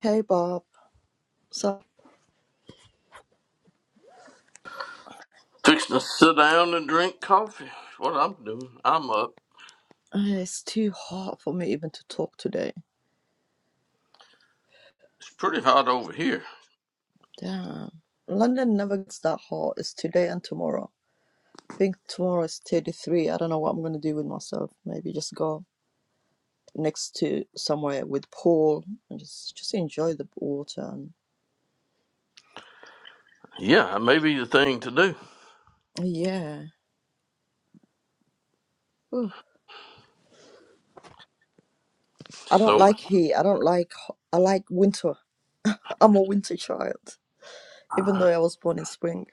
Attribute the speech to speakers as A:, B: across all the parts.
A: Hey Bob, so uh,
B: Fixing to sit down and drink coffee. That's What I'm doing. I'm up.
A: it's too hot for me even to talk today.
B: It's pretty hot over here.
A: Damn. London never gets that hot. It's today and tomorrow. I think tomorrow is 33. I don't know what I'm gonna do with myself. Maybe just go next to somewhere with pool and just just enjoy the water. And,
B: Yeah, it may be the thing to do.
A: yeah. Ooh. I don't
B: So
A: like heat. I don't like. ho- I like winter. I'm a winter child, even though I was born in spring.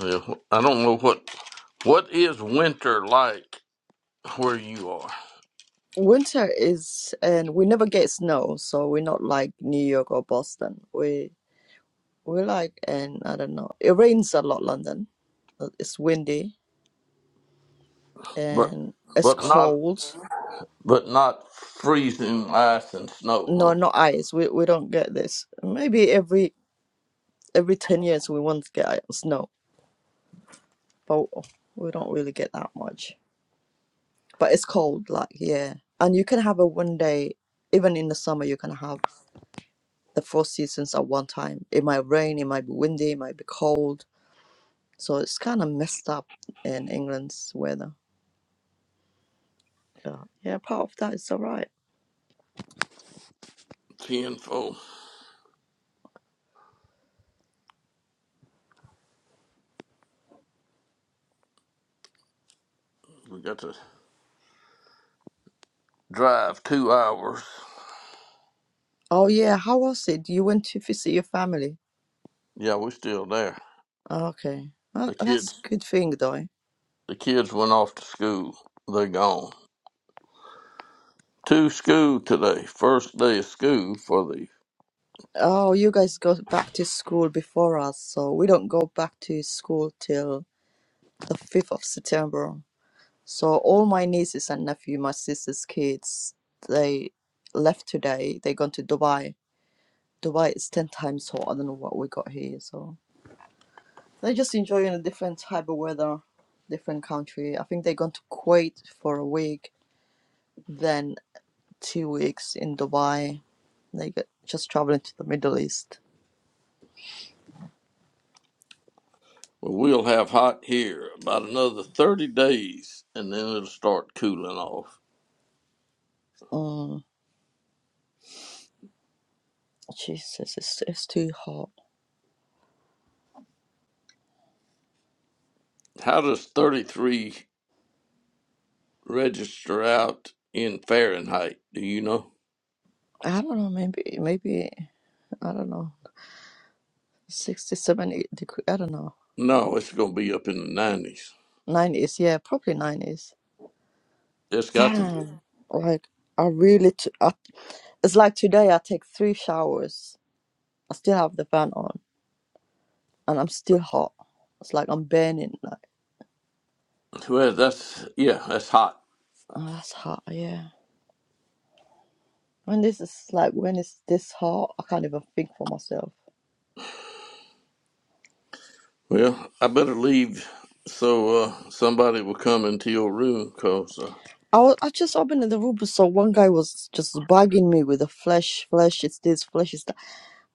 B: yeah, I don't know what what is winter like where you are,
A: Winter is, and we never get snow, so we're not like New York or Boston. We We like, and I don't know, it rains a lot, London. Uh, It's windy
B: but
A: and it's
B: but not
A: cold.
B: but not freezing ice and snow,
A: No, not
B: huh?
A: ice. We we don't get this. Maybe every every ten years we once get ice- snow, but we don't really get that much. But it's cold, like yeah. And you can have a one day, even in the summer, you can have the four seasons at one time. It might rain, it might be windy, it might be cold. So it's kind of messed up in England's weather. Yeah, yeah. Part of that is alright.
B: Tenfold. We got to drive two hours.
A: Oh yeah, how was it? You went to visit your family.
B: Yeah, we're still there.
A: Okay, well,
B: The
A: that's
B: kids
A: a good thing though.
B: the kids went off to school. They're gone. To school today. First day of school for the
A: Oh, you guys go back to school before us, so we don't go back to school till the 5th of September. So all my nieces and nephew, my sister's kids, they left today. They gone to Dubai. Dubai is 10 times hotter than what we got here, so they're just enjoying a different type of weather, different country. I think they gone to Kuwait for a week. then two weeks in Dubai, like just traveling to the Middle East.
B: Well, we'll have hot here about another 30 days and then it'll start cooling off.
A: Mm, Jesus, it's, it's too hot.
B: How does 33 register out in Fahrenheit? Do you know?
A: I don't know, maybe, maybe, I don't know, 60, 70 degrees, I don't know.
B: No, it's going to be up in the 90s.
A: 90s, yeah, probably 90s.
B: It's got to be.
A: Damn, like, I really, t- I, it's like today I take three showers. I still have the fan on and I'm still hot. It's like I'm burning, like,
B: Well, that's, yeah, that's hot.
A: oh, that's hot, yeah. When this is like, when it's this hot, I can't even think for myself.
B: Well, I better leave so uh, somebody will come into your room because uh,
A: I was I just opened the room, so one guy was just bugging me with the flesh, flesh is this, flesh is that.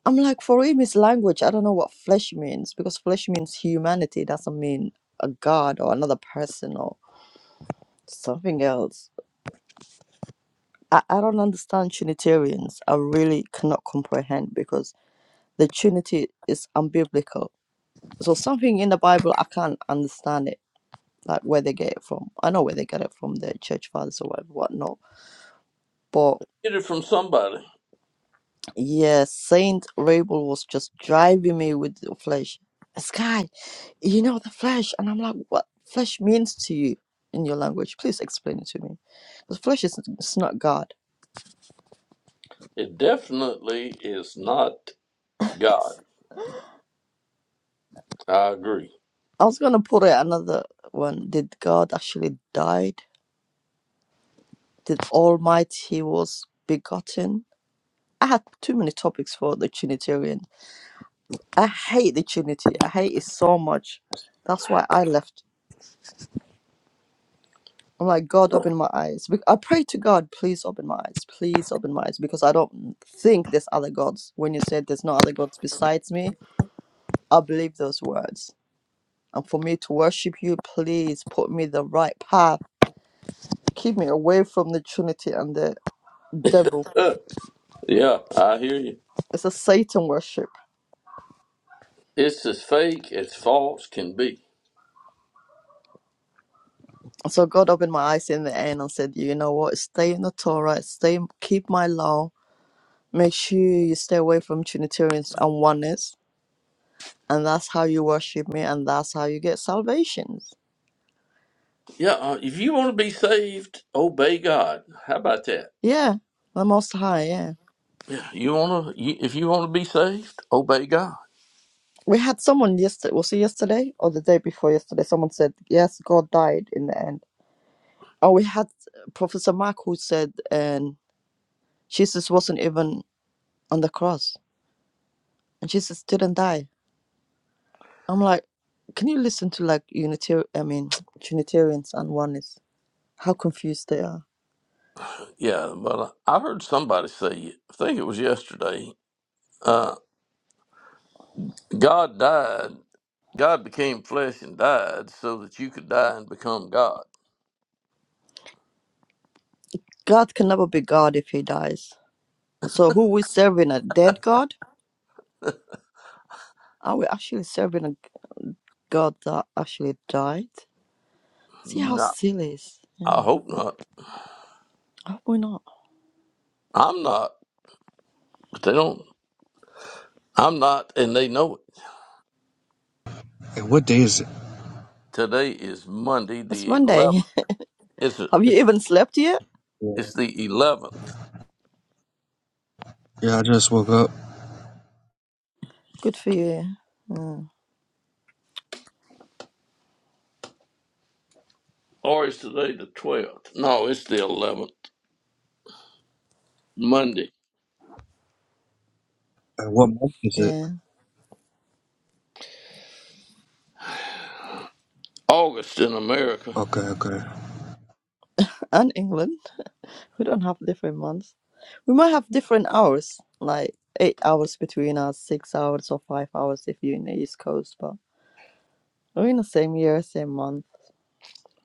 A: I'm like, for him, it's language. I don't know what flesh means because flesh means humanity. It doesn't mean a god or another person or something else. I, I don't understand Trinitarians. I really cannot comprehend because the Trinity is unbiblical. So something in the Bible, I can't understand it, like where they get it from. I know where they get it from, the church fathers or whatever, whatnot. But
B: get it from somebody.
A: Yes, Saint Rabel was just driving me with the flesh. Sky, you know the flesh. And I'm like, what flesh means to you in your language? Please explain it to me. Because flesh is it's not God.
B: It definitely is not God.
A: I
B: I agree.
A: was going to put it another one. Did God actually died? Did Almighty was begotten? I had too many topics for the Trinitarian. I hate the Trinity. I hate it so much. That's why I left I'm like, God, open my eyes. Bec- I pray to God, please open my eyes. Please open my eyes because I don't think there's other gods. When you said there's no other gods besides me, I believe those words. And for me to worship you, please put me the right path. Keep me away from the Trinity and the devil.
B: Uh, yeah, I hear you.
A: It's a Satan worship.
B: It's as fake as false can be.
A: And So God opened my eyes in the end and said, you know what? Stay in the Torah. Stay, keep my law. Make sure you stay away from Trinitarians and oneness and that's how you worship me and that's how you get salvations
B: Yeah, uh, if you want to be saved, obey God. How about that?
A: yeah the most high yeah
B: Yeah, you want to. You, if you want to be saved, obey God.
A: we had someone yesterday was it yesterday or the day before yesterday someone said yes god died in the end oh we had professor mark who said and jesus wasn't even on the cross and jesus didn't die i'm like can you listen to like unitarian i mean trinitarians and oneists how confused they are
B: Yeah, but uh, I heard somebody say it. I think it was yesterday. Uh, God died. God became flesh and died so that you could die and become God.
A: god can never be god if he dies so who we serving a dead god are we actually serving a God that actually died. See how
B: No,
A: silly it is. Yeah.
B: I hope not.
A: How we not?
B: I'm not, but they don't. I'm not, and they know it.
C: Hey, what day is it?
B: Today is Monday,
A: It's
B: the 11th.
A: Monday.
B: It's a,
A: Have you
B: it's the
A: even slept yet?
C: Yeah,
B: it's the 11th.
C: yeah I just woke up.
A: Good for you. Yeah.
B: Or is today the 12th? No, it's the 11th, Monday.
C: And what month is it?
A: yeah.
B: August in America.
C: Okay, okay.
A: And England. We don't have different months. We might have different hours, like eight hours between us, six hours or five hours if you're in the East Coast, but we're in the same year, same month,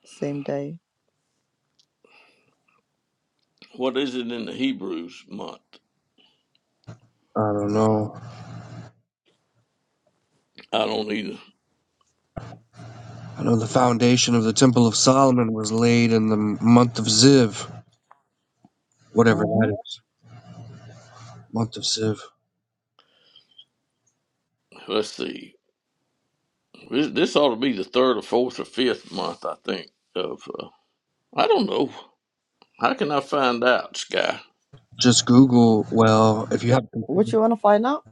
A: same day.
B: What is it in the Hebrews month?
C: I don't know.
B: I don't either.
C: I know the foundation of the Temple of Solomon was laid in the month of Ziv, whatever
A: Mm-hmm.
C: that is. Month of Ziv.
B: Let's see. This, this ought to be the third or fourth or fifth month, I think. Of uh, I don't know. How can I find out, Sky?
C: Just Google. Well, if you have,
A: What you want to find out?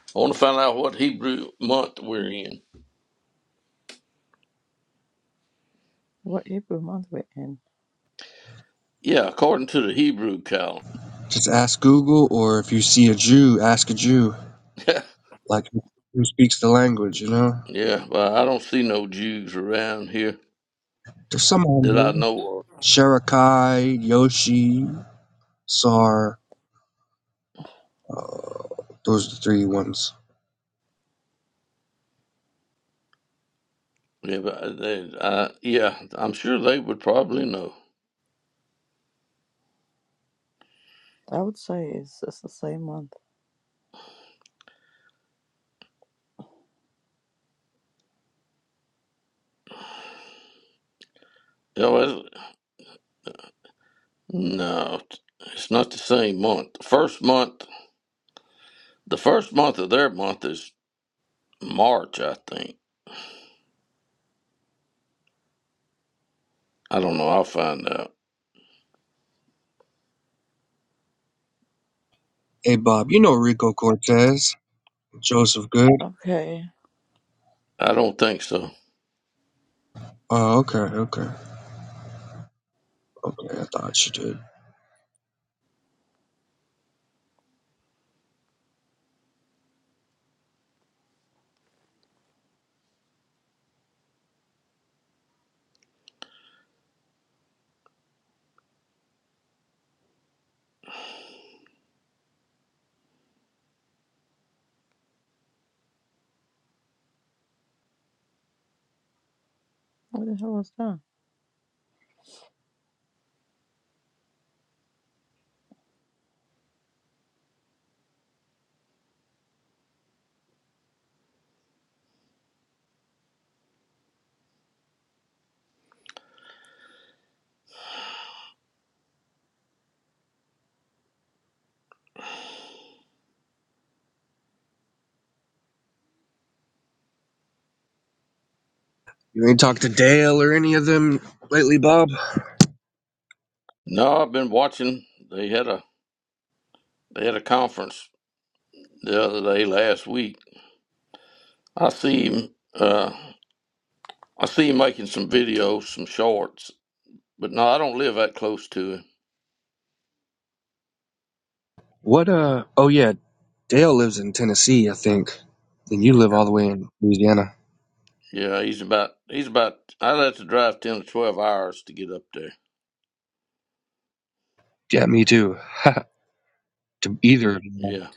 B: I want to find out what Hebrew month we're in.
A: What April month we're in?
B: Yeah, according to the Hebrew calendar.
C: just ask Google, or if you see a Jew, ask a Jew, like who speaks the language. You know,
B: yeah, but I don't see no Jews around here
C: there's some
B: that I
C: on
B: know of.
C: here. Sherekai, Yoshi, Sar. Uh, those are the three ones.
B: Yeah, but they, I, yeah, I'm sure they would probably know.
A: I would say it's, it's the same month.
B: Oh, is it? No, it's not the same month. The first month, the first month of their month is March, I think. I don't know. I'll find out.
C: Hey Bob, you know Rico Cortez. Joseph Good.
A: Okay.
B: I don't think so.
C: Oh, okay, okay, okay. I thought you did.
A: What the hell was that?
C: You ain't talked to Dale or any of them lately, Bob.
B: No, I've been watching. They had a they had a conference the other day last week. I see him. Uh, I see him making some videos, some shorts. But no, I don't live that close to him.
C: What? Uh. Oh yeah, Dale lives in Tennessee, I think, and you live all the way in Louisiana.
B: Yeah, he's about he's about. I'd have to drive ten to twelve hours to get up there.
C: Yeah, me too. to either of you.
B: Yeah,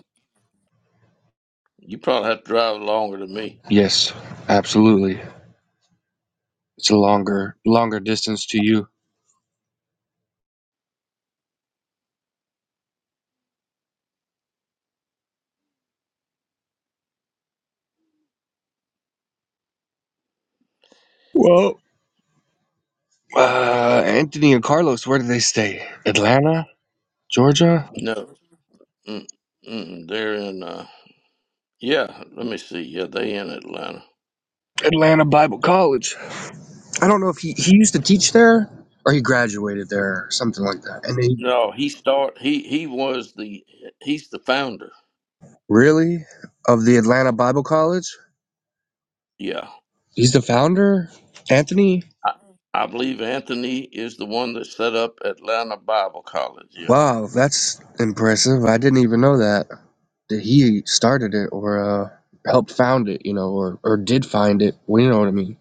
B: you probably have to drive longer than me.
C: Yes, absolutely. It's a longer, longer distance to you. Well, uh, Anthony and Carlos, where do they stay? Atlanta, Georgia.
B: No. Mm, mm, they're in. Uh, yeah, let me see. Yeah, they in Atlanta.
C: Atlanta Bible College. I don't know if he, he used to teach there or he graduated there or something like that. And he
B: No, he start. He he was the. He's the founder.
C: really of the Atlanta Bible College?
B: Yeah,
C: He's the founder? Anthony?
B: I, I believe Anthony is the one that set up Atlanta Bible College. Yeah,
C: Wow, that's impressive. I didn't even know that. That he started it or uh, helped found it, you know, or, or did find it. Well, you know what I mean.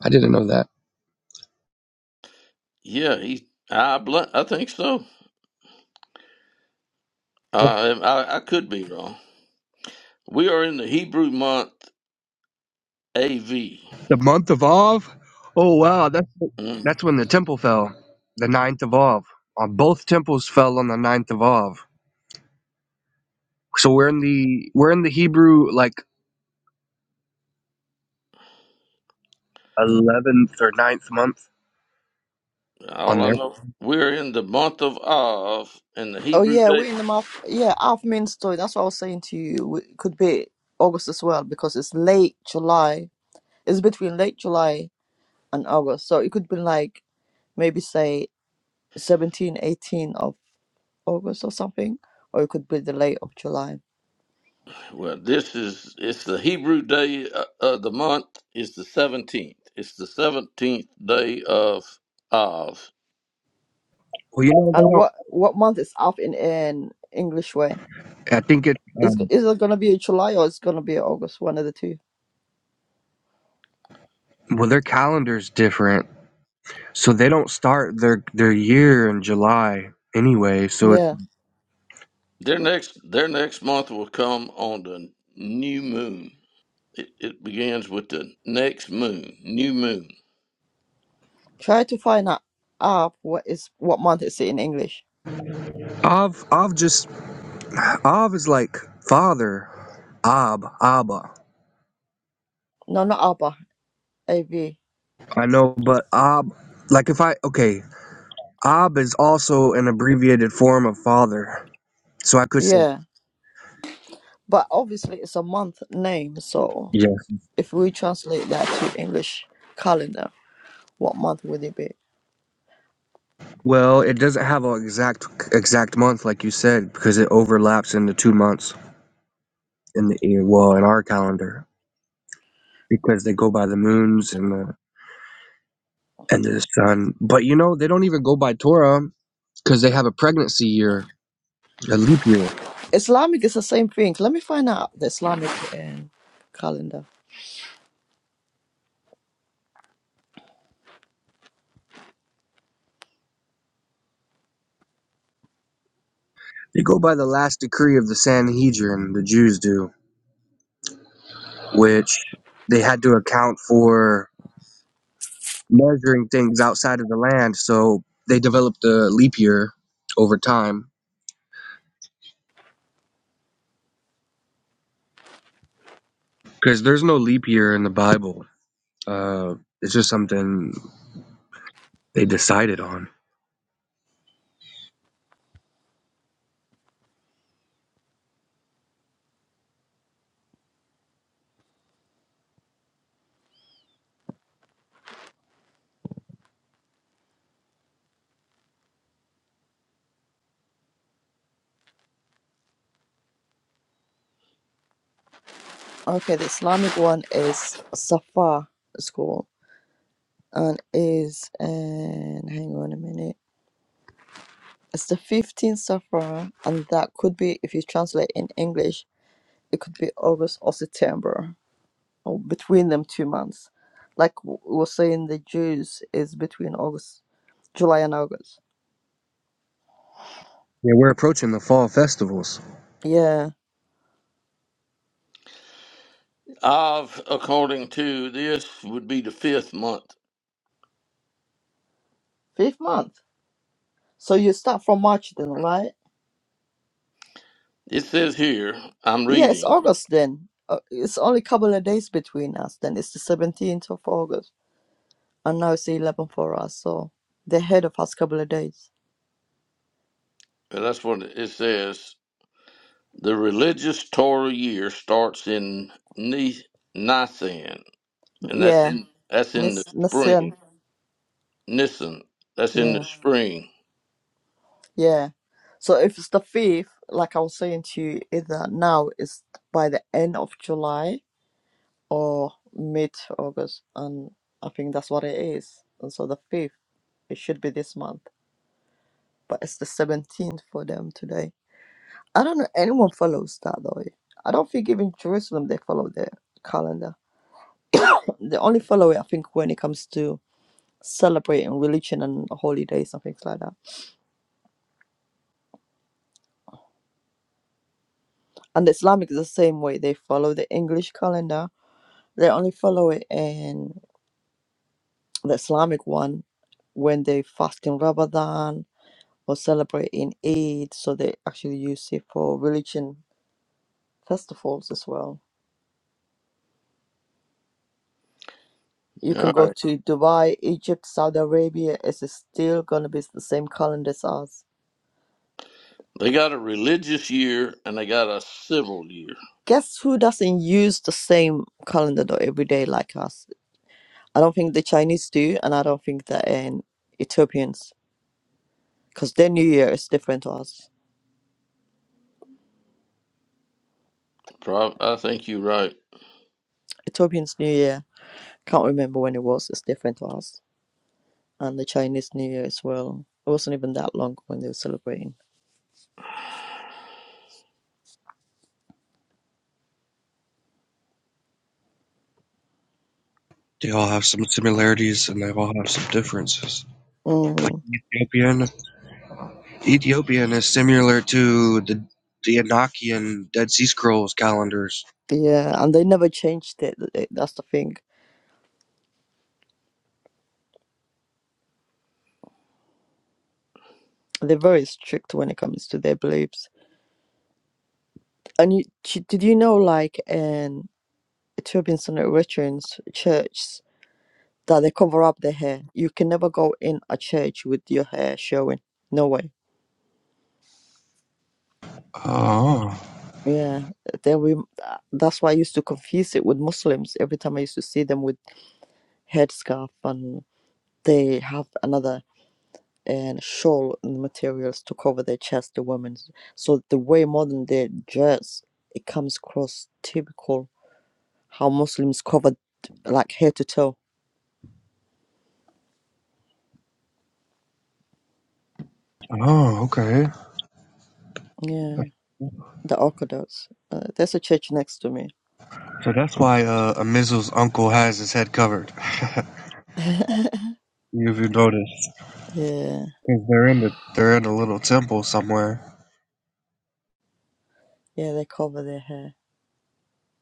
C: I didn't know that.
B: yeah. He. I bl- I think so. Uh, I I could be wrong. We are in the Hebrew month AV.
C: The month of Av? Oh wow, that's
B: Mm,
C: that's when the temple fell. The ninth of Av. On both temples fell on the ninth of Av. So we're in the we're in the Hebrew like eleventh or ninth month
B: all
C: on
B: I
C: their.
B: know, we're in the month of Av, and the
A: Oh
B: Hebrew
A: yeah,
B: day.
A: we're in the month. Yeah, half Minster. That's what I was saying to you. It could be August as well because it's late July. It's between late July and August, so it could be like maybe say 17, 18 of August or something, or it could be the late of July.
B: Well, this is it's the Hebrew day uh, of the month. It's the seventeenth. It's the seventeenth day of Av.
C: Well, you know
A: And what
C: they
A: what month is half in in English way?
C: don't. I think it.
A: Is
C: Um,
A: is it gonna be July or is it gonna be August? One of the two.
C: well, their calendar's different, so they don't start their their year in July anyway. So it's
A: Yeah,
B: Their next their next month will come on the new moon. It, it begins with the next moon, new moon.
A: try to find out half what is what month is it in English.
C: Av Av just Av is like father, Ab Abba.
A: No, not Abba. A V.
C: I know, but Ab like if I okay Ab is also an abbreviated form of father, so I could say.
A: Yeah. But obviously, it's a month name. So
C: yeah.
A: if we translate that to English calendar, what month would it be?
C: Well, it doesn't have an exact exact month like you said because it overlaps into two months in the year- well in our calendar because they go by the moons and the and the sun. But you know they don't even go by Torah because they have a pregnancy year, a leap year.
A: Islamic is the same thing. Let me find out the Islamic um, calendar.
C: They go by the last decree of the Sanhedrin. The Jews do, which they had to account for measuring things outside of the land. So they developed a leap year over time because there's no leap year in the Bible Uh, it's just something they decided on.
A: Okay, the Islamic one is Safar It's called and is and hang on a minute. It's the 15th Safar, and that could be if you translate in English, it could be August or September, or between them two months. Like w- we were saying, the Jews is between August July and August.
C: Yeah, we're approaching the fall festivals.
A: Yeah,
B: Av, according to this, would be the fifth month.
A: fifth month. So you start from March then, right?
B: It says here, I'm
A: Yeah, it's
B: reading.
A: August then. Uh, it's only a couple of days between us. Then it's the seventeenth of August, and now it's the eleventh for us. So they're ahead of us couple of days.
B: but That's what it says. The religious Torah year starts in Ni- Nisan, and that's
A: Yeah,
B: in That's in the
A: Nis Nisan.
B: spring. Nissen. That's in
A: Yeah,
B: the spring.
A: yeah. So if it's the fifth, like I was saying to you, either now is by the end of July or mid August, and I think that's what it is. And so the fifth, it should be this month. but it's the 17th for them today. I don't know anyone follows that though. I don't think even Jerusalem they follow their calendar. They only follow it, I think, when it comes to celebrating religion and holidays and things like that. And the Islamic is the same way. They follow the English calendar. They only follow it in the Islamic one when they fast in Ramadan or celebrating Eid. So they actually use it for religion festivals as well You can
B: All
A: go
B: right.
A: to Dubai, Egypt, Saudi Arabia. It's still going to be the same calendar as us.
B: They got a religious year and they got a civil year.
A: Guess who doesn't use the same calendar though every day like us? I don't think the Chinese do, and I don't think that in Ethiopians, because their New Year is different to us.
B: Prob- I think you're right.
A: Ethiopians' New Year, can't remember when it was, it's different to us. And the Chinese New Year as well. It wasn't even that long when they were celebrating.
C: They all have some similarities and they all have some differences. Like
A: Mm,
C: Ethiopian, Ethiopian is similar to the the Enochian Dead Sea Scrolls calendars.
A: yeah, and they never changed it. th- That's the thing. They're very strict when it comes to their beliefs. And you, d- did you know, like in Ethiopian Standard Richards church, that they cover up their hair? You can never go in a church with your hair showing. No way.
C: Oh,
A: Yeah, they we. That's why I used to confuse it with Muslims every time I used to see them with headscarf and they have another and shawl and materials to cover their chest, the women's. So the way modern day dress, it comes across typical how Muslims covered like head to toe.
C: oh, okay.
A: Yeah. the Orthodox. Uh, there's a church next to me.
C: So that's why uh, Amizu's uncle has his head covered. if
A: yeah,
C: you notice,
A: yeah,
C: because they're in the they're in a little temple somewhere.
A: they cover their hair.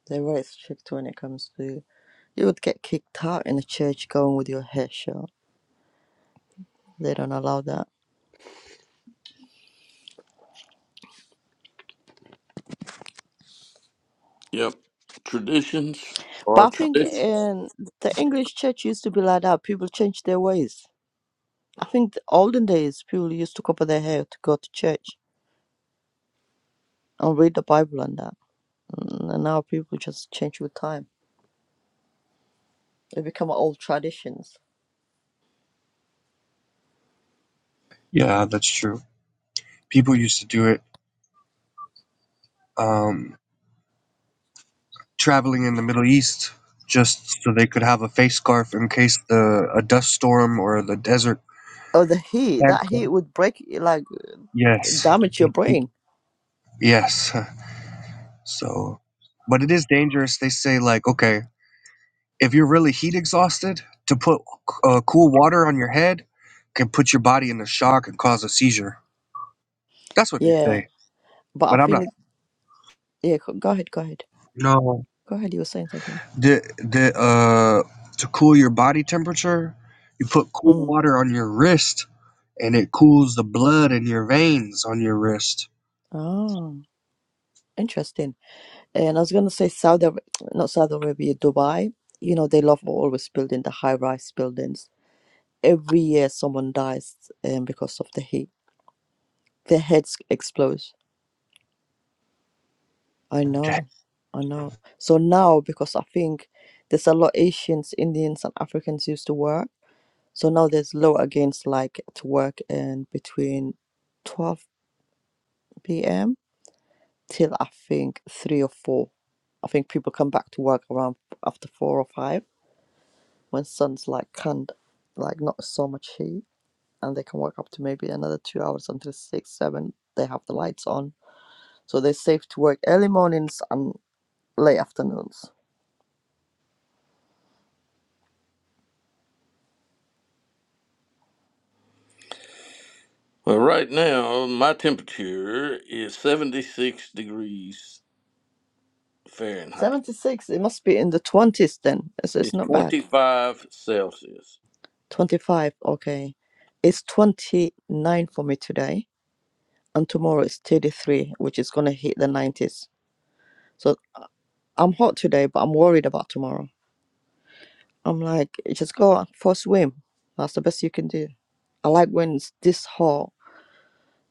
A: They're very strict when it comes to. You would get kicked out in a church going with your hair short. They don't allow that.
B: Yep. Traditions are
A: But I think
B: traditions.
A: in the English church used to be like that. People changed their ways. I think the olden days people used to cover their hair to go to church and read the Bible and that. Mm, And now people just change with time. They become old traditions.
C: Yeah, that's true. People used to do it. Um, traveling in the Middle East just so they could have a face scarf in case the a dust storm or the desert.
A: Oh, the heat. That heat
C: Sandstorm.
A: would break, like,
C: Yes,
A: damage your brain
C: yes. So, but it is dangerous. They say like, okay, if you're really heat exhausted, to put uh, cool water on your head can put your body in the shock and cause a seizure. That's what they
A: Yeah,
C: say.
A: but I
C: But I'm not.
A: think yeah. Go go ahead, go ahead,
C: No.
A: go ahead. You were saying something.
C: The the uh to cool your body temperature, you put cool
A: Mm.
C: water on your wrist and it cools the blood in your veins on your wrist.
A: Oh, interesting. And I was gonna say Saudi, Ar- not Saudi Arabia, Dubai. You know they love always building the high-rise buildings. Every year someone dies um, because of the heat. Their heads explode. I
C: Okay.
A: know, I know. So now because I think there's a lot Asians, Indians, and Africans used to work. So now there's law against like to work in between twelve p.m till I think three or four. I think people come back to work around after four or five when sun's like can't like not so much heat and they can work up to maybe another two hours until six, seven. They have the lights on. So they're safe to work early mornings and late afternoons.
B: Well, right now, my temperature is 76 degrees Fahrenheit.
A: Seventy six, it must be in the twenties then. It's, it's
B: It's
A: not bad.
B: 25 Celsius.
A: Twenty five, okay. It's twenty nine for me today and tomorrow is thirty three, which is gonna hit the nineties. So. I'm hot today, but I'm worried about tomorrow. I'm like, just go out for a swim. That's the best you can do. I like when it's this hot,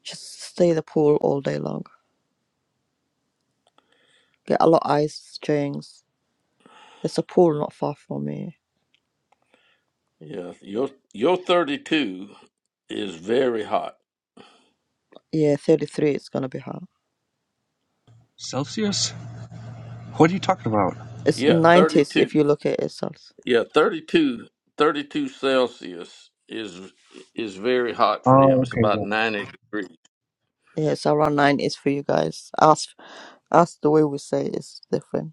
A: just stay in the pool all day long. Get a lot of ice drinks. There's a pool not far from me.
B: Yeah. Your, your 32 is very hot.
A: Yeah, 33, it's gonna be hot.
C: Celsius? What are you talking about?
A: It's
B: Yeah.
A: 90s
B: 32.
A: if you look at it. So
B: Yeah, 32, 32 Celsius is is very hot for
C: Oh,
B: them. It's
C: okay.
B: about ninety degrees.
A: yeah, it's around 90s for you guys. Ask, ask the way we say it's different.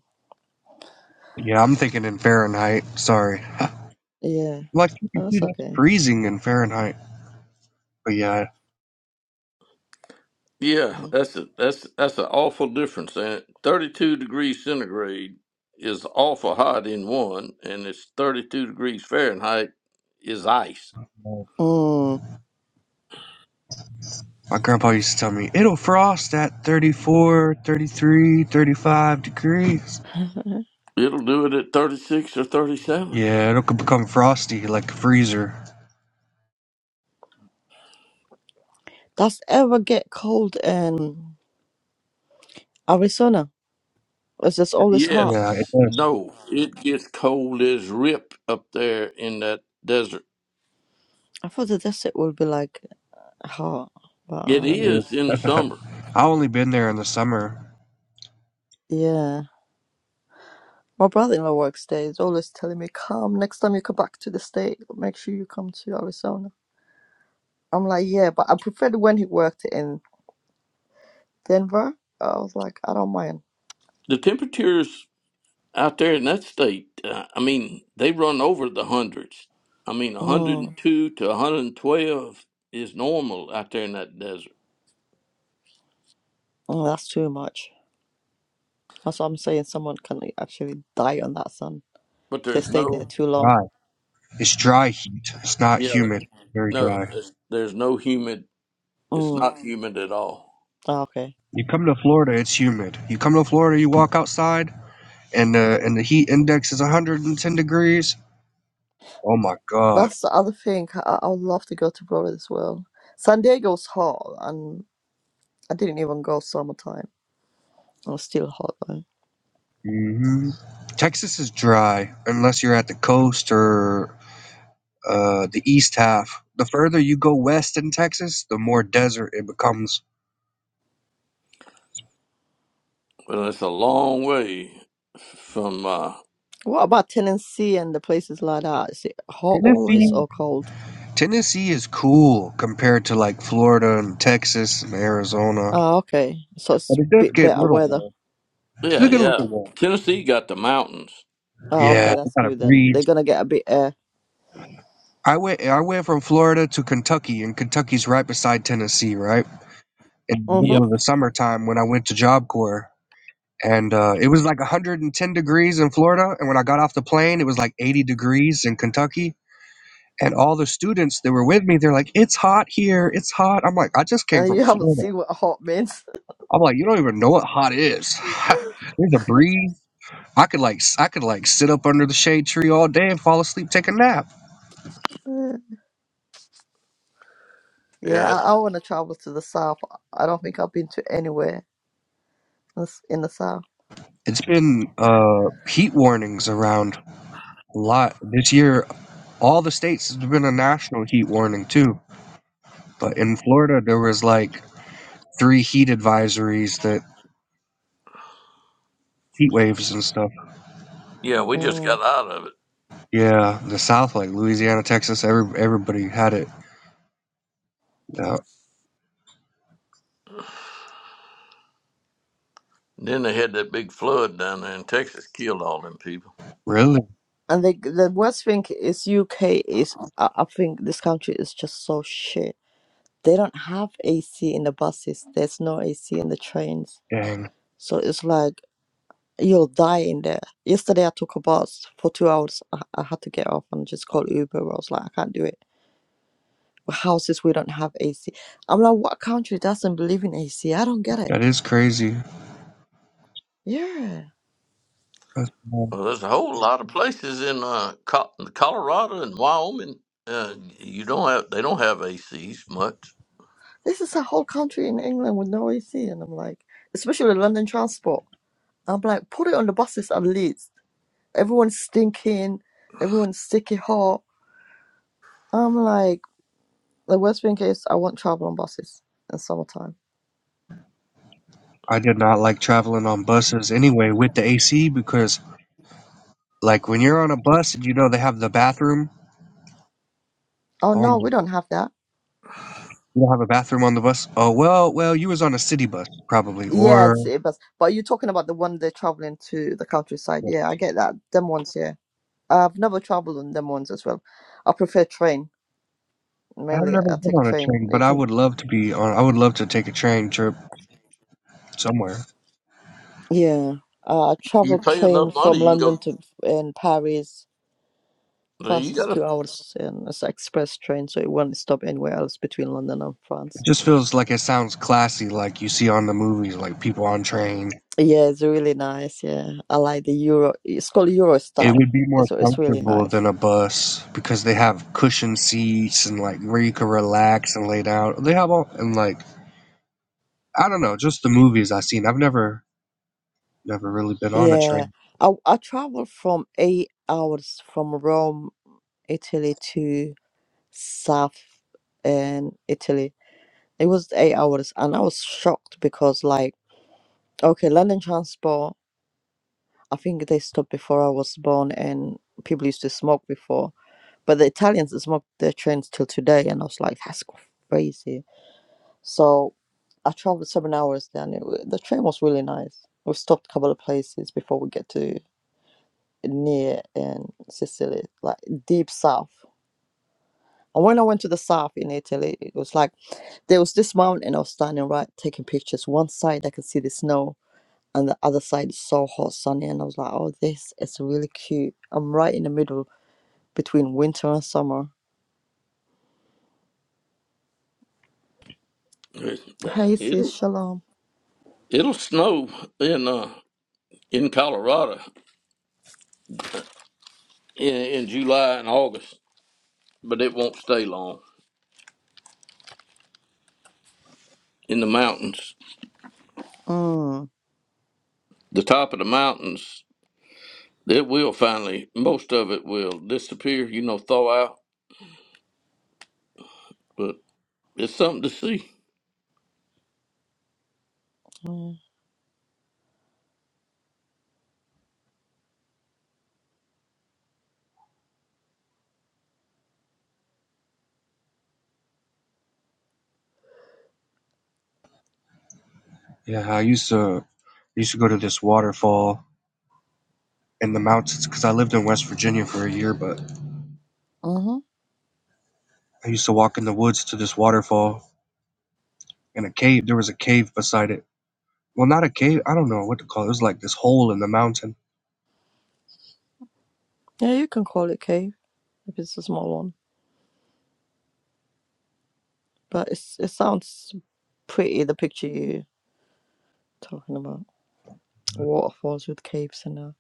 C: Yeah, yeah I'm thinking in Fahrenheit. Sorry.
A: Yeah,
C: like you can see
A: that's
C: that's
A: okay.
C: freezing in Fahrenheit. But yeah,
B: Yeah, that's a that's that's an awful difference. And thirty-two degrees centigrade is awful hot in one, and it's thirty-two degrees Fahrenheit is ice.
C: my
A: Mm.
C: grandpa used to tell me it'll frost at 34, 33, 35 degrees.
B: It'll do it at thirty-six or thirty-seven.
C: Yeah, it'll become frosty like a freezer.
A: Does ever get cold in Arizona? It's just always hot.
C: Yeah,
B: Yes,
C: it
B: no, it gets cold as rip up there in that desert.
A: I thought the desert would be like hot, but
B: It
A: I don't know.
B: is in the
C: does.
B: summer.
C: I only been there in the summer.
A: Yeah. My brother in law works there. He's always telling me, come next time you come back to the state, make sure you come to Arizona. I'm like, yeah, but I preferred when he worked in Denver. I was like, I don't mind.
B: The temperatures out there in that state, uh, I mean, they run over the hundreds. I mean,
A: Mm,
B: 102 to 112 is normal out there in that desert.
A: mm, that's too much. That's what I'm saying. Someone can actually die on that sun
B: But
A: if they
B: there's
A: stay there
B: no,
A: too long.
C: Dry. It's
B: but
C: dry heat. It's not
B: yeah,
C: humid. It's very
B: no,
C: dry.
B: there's, there's no humid. It's
A: Mm,
B: not humid at all.
A: ah, okay.
C: You come to Florida, it's humid. You come to Florida, you walk outside, and the and the heat index is 110 degrees. Oh my God.
A: That's the other thing. I, I would love to go to Florida as well. San Diego's hot, and I didn't even go summertime. It was still hot though.
C: hmm Texas is dry unless you're at the coast or uh, the east half. The further you go west in Texas, the more desert it becomes.
B: Well, it's a long way from, uh,
A: What about Tennessee and the places like that? Is it hot always
C: Tennessee.
A: or cold?
C: Tennessee is cool compared to like Florida and Texas and Arizona,
A: Oh, okay. So it's
C: but
A: a
C: it does
A: bit
C: get a
A: better
C: little
A: weather.
C: warm. It's
B: yeah,
C: a good little
B: yeah.
C: one.
B: Tennessee got the mountains.
A: Oh,
C: Yeah,
A: okay,
C: it
A: that's
C: kind of
A: good then. They're
C: breeds.
A: gonna get a bit air.
C: I went I went from Florida to Kentucky, and Kentucky's right beside Tennessee, right? In the middle
B: Yep.
C: of
A: Mm-hmm.
C: the summertime when I went to Job Corps. And uh, it was like 110 degrees in Florida. And when I got off the plane, it was like 80 degrees in Kentucky. And all the students that were with me, they're like, it's hot here. It's hot. I'm like, I just
A: Uh,
C: came from
A: you haven't
C: Florida.
A: seen what hot means.
C: I'm like, you don't even know what hot is. There's a breeze. I could like s- I could like sit up under the shade tree all day and fall asleep, take a nap.
A: Uh, yeah,
B: Yeah, it-
A: I, I want to travel to the south. I don't think I've been to anywhere that's in the south.
C: It's been uh, heat warnings around a lot this year. All the states there's been a national heat warning too, but in Florida there was like three heat advisories that heat waves and stuff.
B: yeah, we just
A: Mm.
B: got out of it.
C: Yeah, the South, like Louisiana, Texas, every, everybody had it. Yeah,
B: Then they had that big flood down there in Texas, killed all them people.
C: really?
A: And the the worst thing is UK is I, I think this country is just so shit. they don't have AC in the buses. There's no AC in the trains.
C: Dang,
A: So it's like you'll die in there. Yesterday I took a bus for two hours. I, I had to get off and just call Uber. I was like, I can't do it. Houses we don't have AC. I'm like, what country doesn't believe in AC? I don't get it.
C: that is crazy.
A: Yeah,
C: That's wild.
B: Well, there's a whole lot of places in uh, Co- Colorado and Wyoming. Uh, you don't have they don't have ACs much.
A: this is a whole country in England with no AC, and I'm like, especially London transport. I'm like, put it on the buses at least. Everyone's stinking. Everyone's sticky hot. I'm like. The worst thing is I won't travel on buses in summertime.
C: I did not like traveling on buses anyway with the AC because, like, when you're on a bus and you know they have the bathroom.
A: Oh
C: Oh my
A: no, we don't have that.
C: You don't have a bathroom on the bus? Oh well, well, you was on a city bus probably,
A: Yeah,
C: or
A: it's city bus. But you're talking about the one they're traveling to the countryside.
C: yeah.
A: Yeah, I get that. Them ones, yeah. I've never traveled on them ones as well. I prefer train.
C: I've
A: Mainly,
C: never
A: I
C: been
A: take
C: on a
A: train.
C: train, but
A: You
C: I
A: can,
C: would love to be on. I would love to take a train trip somewhere.
A: yeah. Uh, I
B: You
A: traveled
B: pay
A: train
B: enough money,
A: from
B: you can
A: London to
B: go.
A: in Paris.
B: well,
A: France
B: You
A: is
B: gotta
A: two hours, and it's an express train, so it won't stop anywhere else between London and France.
C: It just feels like it sounds classy, like you see on the movies, like people on train.
A: Yeah, it's really nice. Yeah, I like the Euro. It's called
C: It
A: Eurostar.
C: would be more
A: That's what it's really
C: comfortable
A: nice.
C: than a bus because they have cushioned seats and like where you can relax and lay down. They have all and like I don't know, just the movies I've seen. I've never never really been on a
A: Yeah,
C: train.
A: I I traveled from eight hours from Rome, Italy to South and Italy. It was eight hours, and I was shocked because like okay, London transport. I think they stopped before I was born, and people used to smoke before. But the Italians smoke their trains till today, and I was like, that's crazy. So I traveled seven hours then. It, wa- the train was really nice. We stopped a couple of places before we get to near in Sicily, like deep south. And when I went to the south in Italy, it was like there was this mountain and I was standing right taking pictures. One side I could see the snow and the other side is so hot, sunny. And I was like, oh, this is really cute. I'm right in the middle between winter and summer. Hey, sis,
B: it'll
A: shalom.
B: it'll snow in uh, in Colorado in, in July and August, but it won't stay long in the mountains.
A: Mm.
B: The top of the mountains, it will finally most of it will disappear. You know, thaw out, but it's something to see.
A: yeah.
C: Yeah, I used to used to go to this waterfall in the mountains because I lived in West Virginia for a year, but
A: Mm-hmm.
C: I used to walk in the woods to this waterfall and a cave. There was a cave beside it. Well, not a cave. I don't know what to call it. It was like this hole in the mountain.
A: Yeah, you can call it cave if it's a small one. But it's, it sounds pretty, the picture you talking about. Waterfalls with caves and that.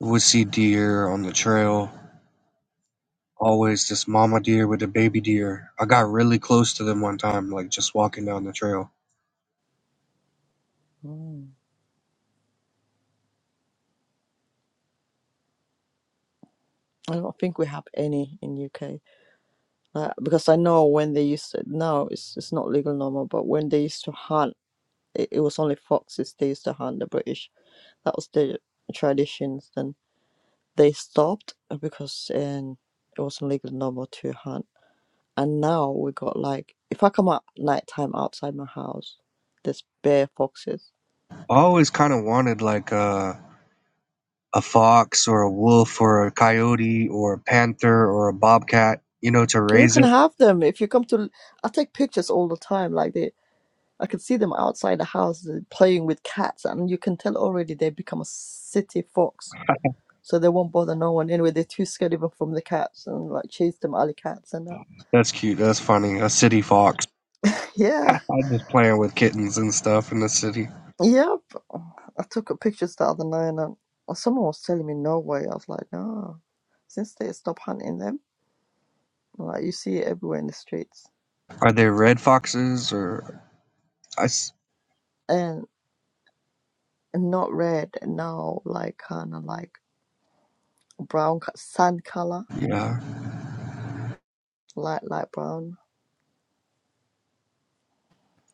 C: We would see deer on the trail. Always this mama deer with a baby deer. I got really close to them one time, like just walking down the trail.
A: Mm. I don't think we have any in UK. Like, because I know when they used to, now it's, it's not legal no more, but when they used to hunt, it, it was only foxes they used to hunt the British. That was the traditions. Then they stopped because um, it wasn't legal no more to hunt. And now we got like, if I come out nighttime outside my house, there's bear foxes
C: I always kind of wanted like a a fox or a wolf or a coyote or a panther or a bobcat, you know, to
A: You
C: raise
A: can
C: it.
A: have them if you come to. I take pictures all the time. Like they, I can see them outside the house uh, playing with cats, and you can tell already they become a city fox, so they won't bother no one anyway. They're too scared even from the cats, and like chase them alley cats and that.
C: That's cute. That's funny. A city fox.
A: Yeah,
C: I'm just playing with kittens and stuff in the city.
A: yep. I took a pictures the other night, and uh, someone was telling me no way. I was like, no, since they stop hunting them, like you see it everywhere in the streets,
C: Are they red foxes or I? s-
A: and not red now, like kind of like brown co- sand color
C: Yeah,
A: light light brown.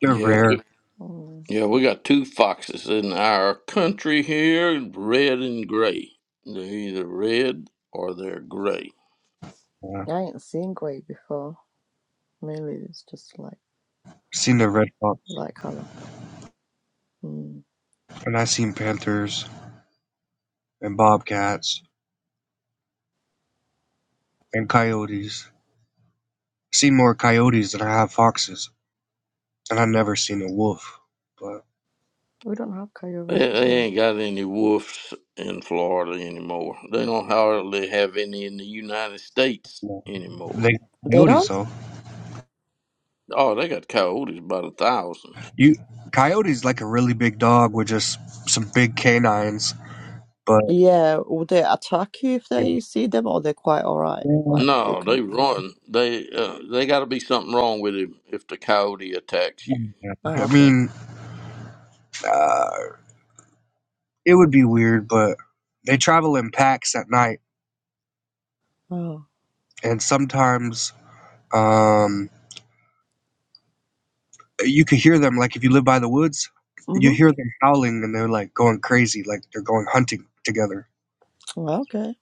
C: they're
B: Yeah,
C: rare.
A: Mm.
B: Yeah, we got two foxes in our country here, red and gray. They're either red or they're gray.
C: Yeah.
A: I ain't seen grey before. Mainly it's just like
C: I've seen the red fox,
A: light colour. Mm.
C: and I've seen panthers and bobcats and coyotes. seen more coyotes than I have foxes, and I've never seen a wolf. But
A: We don't have
B: They,
A: coyotes as
B: they
A: well.
B: ain't got any wolves in Florida anymore. They don't hardly have any in the United States
C: no.
B: anymore.
C: they
A: They
C: coyotes
A: don't?
C: though.
B: Oh, they got coyotes by the thousands.
C: You coyotes like a really big dog with just some big canines. But
A: Yeah, will they attack you if they
C: yeah,
A: you see them or they're quite alright?
C: yeah.
A: Like you
B: No,
A: can
B: they run. They uh, they got to be something wrong with him if the coyote attacks you.
C: yeah.
A: Oh
C: I
A: okay.
C: mean. uh, It would be weird, but they travel in packs at night,
A: Oh.
C: and sometimes um, you could hear them. Like if you live by the woods, you
A: Mhm.
C: hear them howling, and they're like going crazy, like they're going hunting together.
A: Well, okay.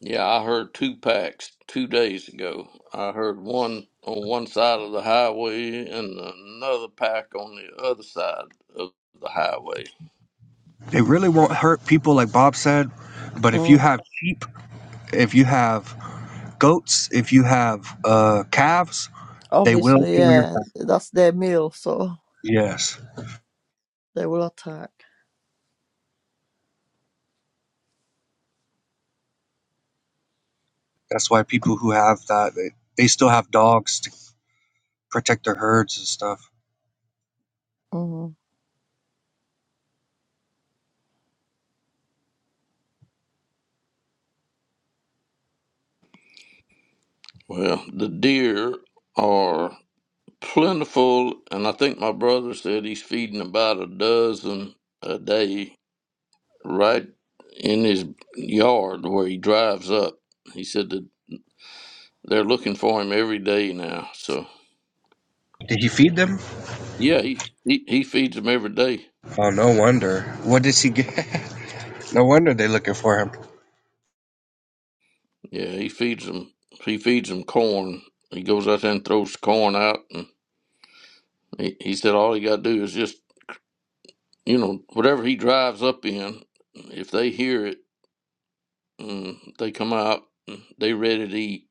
B: Yeah, I heard two packs two days ago. I heard one on one side of the highway and another pack on the other side of the highway.
C: They really won't hurt people, like Bob said. But if you
A: Mm.
C: have sheep, if you have goats, if you have uh, calves, they will
A: Obviously,
C: kill your
A: yeah.
C: cow.
A: That's their meal, so
C: Yes,
A: they will attack.
C: that's why people who have that they, they still have dogs to protect their herds and stuff.
A: Mm.
B: Well, the deer are plentiful, and I think my brother said he's feeding about a dozen a day right in his yard where he drives up. He said that they're looking for him every day now. So,
C: Did he feed them?
B: yeah, he, he, he feeds them every day.
C: Oh, no wonder. What does he get? no wonder they're looking for him.
B: Yeah, he feeds them. He feeds them corn. He goes out there and throws the corn out, and he, he said all he got to do is just you know whatever he drives up in. If they hear it, mm, they come out. mm, They ready to eat.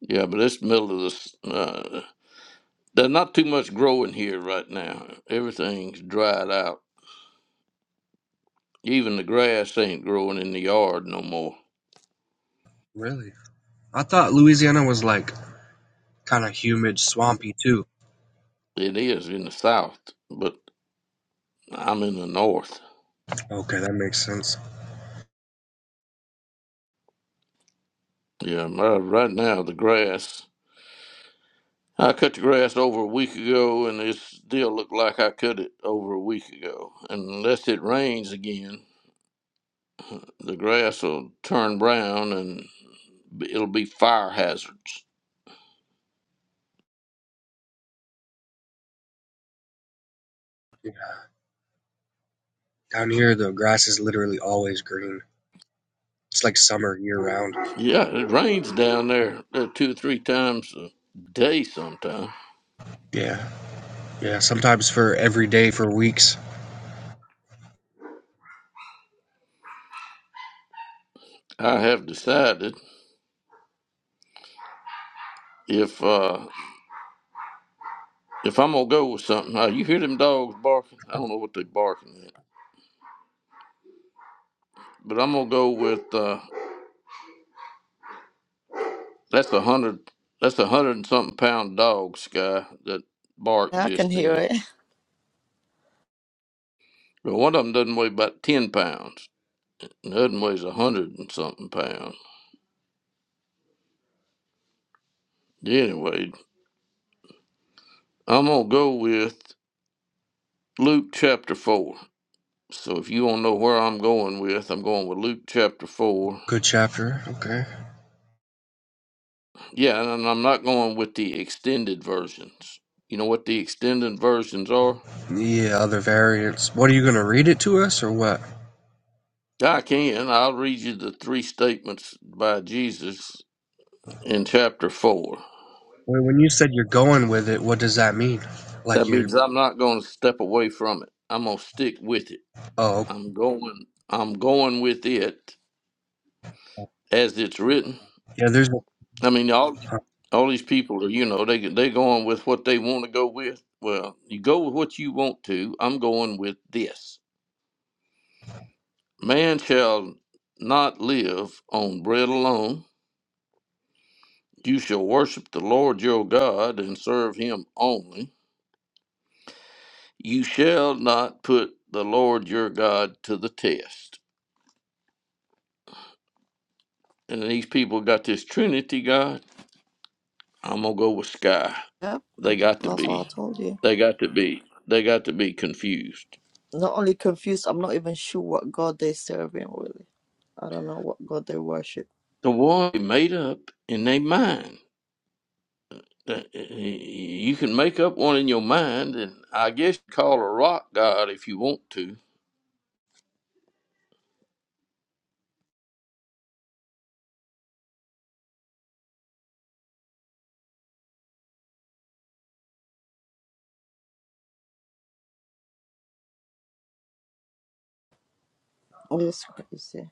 B: Yeah, but it's the middle of this. Uh, there's not too much growing here right now. Everything's dried out. Even the grass ain't growing in the yard no more.
C: Really? I thought Louisiana was like kind of humid, swampy too.
B: It is in the south, but I'm in the north.
C: Okay, that makes sense.
B: Yeah, my- right now the grass. I cut the grass over a week ago, and it still looked like I cut it over a week ago. Unless it rains again, the grass will turn brown and it'll be fire hazards.
C: Yeah. Down here, the grass is literally always green. It's like summer year round.
B: Yeah, it rains down there uh, two or three times a day sometimes.
C: Yeah, yeah. Sometimes for every day for weeks.
B: I have decided if uh, if I'm gonna go with something, uh, you hear them dogs barking? I don't know what they barking at, but I'm gonna go with. Uh, That's a hundred. That's a hundred and something pound dog, Sky, that barked
A: Yeah, I can
B: just
A: hear
B: then.
A: it.
B: But one of them doesn't weigh about ten pounds. And the other one weighs a hundred and something pounds. Anyway, I'm gonna go with Luke chapter four. So if you want to know where I'm going with, I'm going with Luke chapter four.
C: Good chapter. Okay.
B: Yeah, and I'm not going with the extended versions. You know what the extended versions are?
C: Yeah, other variants. What are you gonna read it to us or what?
B: I can. I'll read you the three statements by Jesus in chapter 4.
C: Wait, when you said you're going with it, what does that mean? Like
B: That
C: you're?
B: means I'm not going to step away from it. I'm going to stick with it.
C: Oh,
B: I'm going. I'm going with it
C: okay.
B: as it's written.
C: yeah. There's
B: I mean, all
C: huh,
B: all these people are, you know, they they going with what they want to go with. Well, you go with what you want to. I'm going with this. Man shall not live on bread alone. You shall worship the Lord your God and serve Him only. You shall not put the Lord your God to the test. and these people got this Trinity God, I'm gonna go with Sky.
A: Yeah,
B: They got to
A: that's what I
B: be.
A: told you.
B: They got to be. They got to be confused.
A: Not only confused, I'm not even sure what god they're serving really. I don't know what god they worship.
B: The war they made up in their mind. That- You can make up one in your mind, and I guess call a rock god if you want to.
A: It's crazy.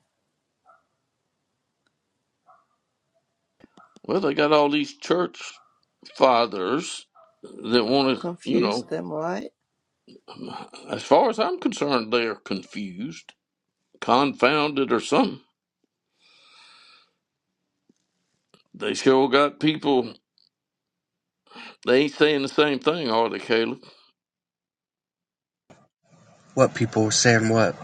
B: Well, they got all these church fathers that want to, you
A: Confuse
B: know.
A: them, right?
B: As far as I'm concerned, they are confused, confounded, or something. They sure got people. They ain't saying the same thing, are they, Caleb.
C: what people saying what?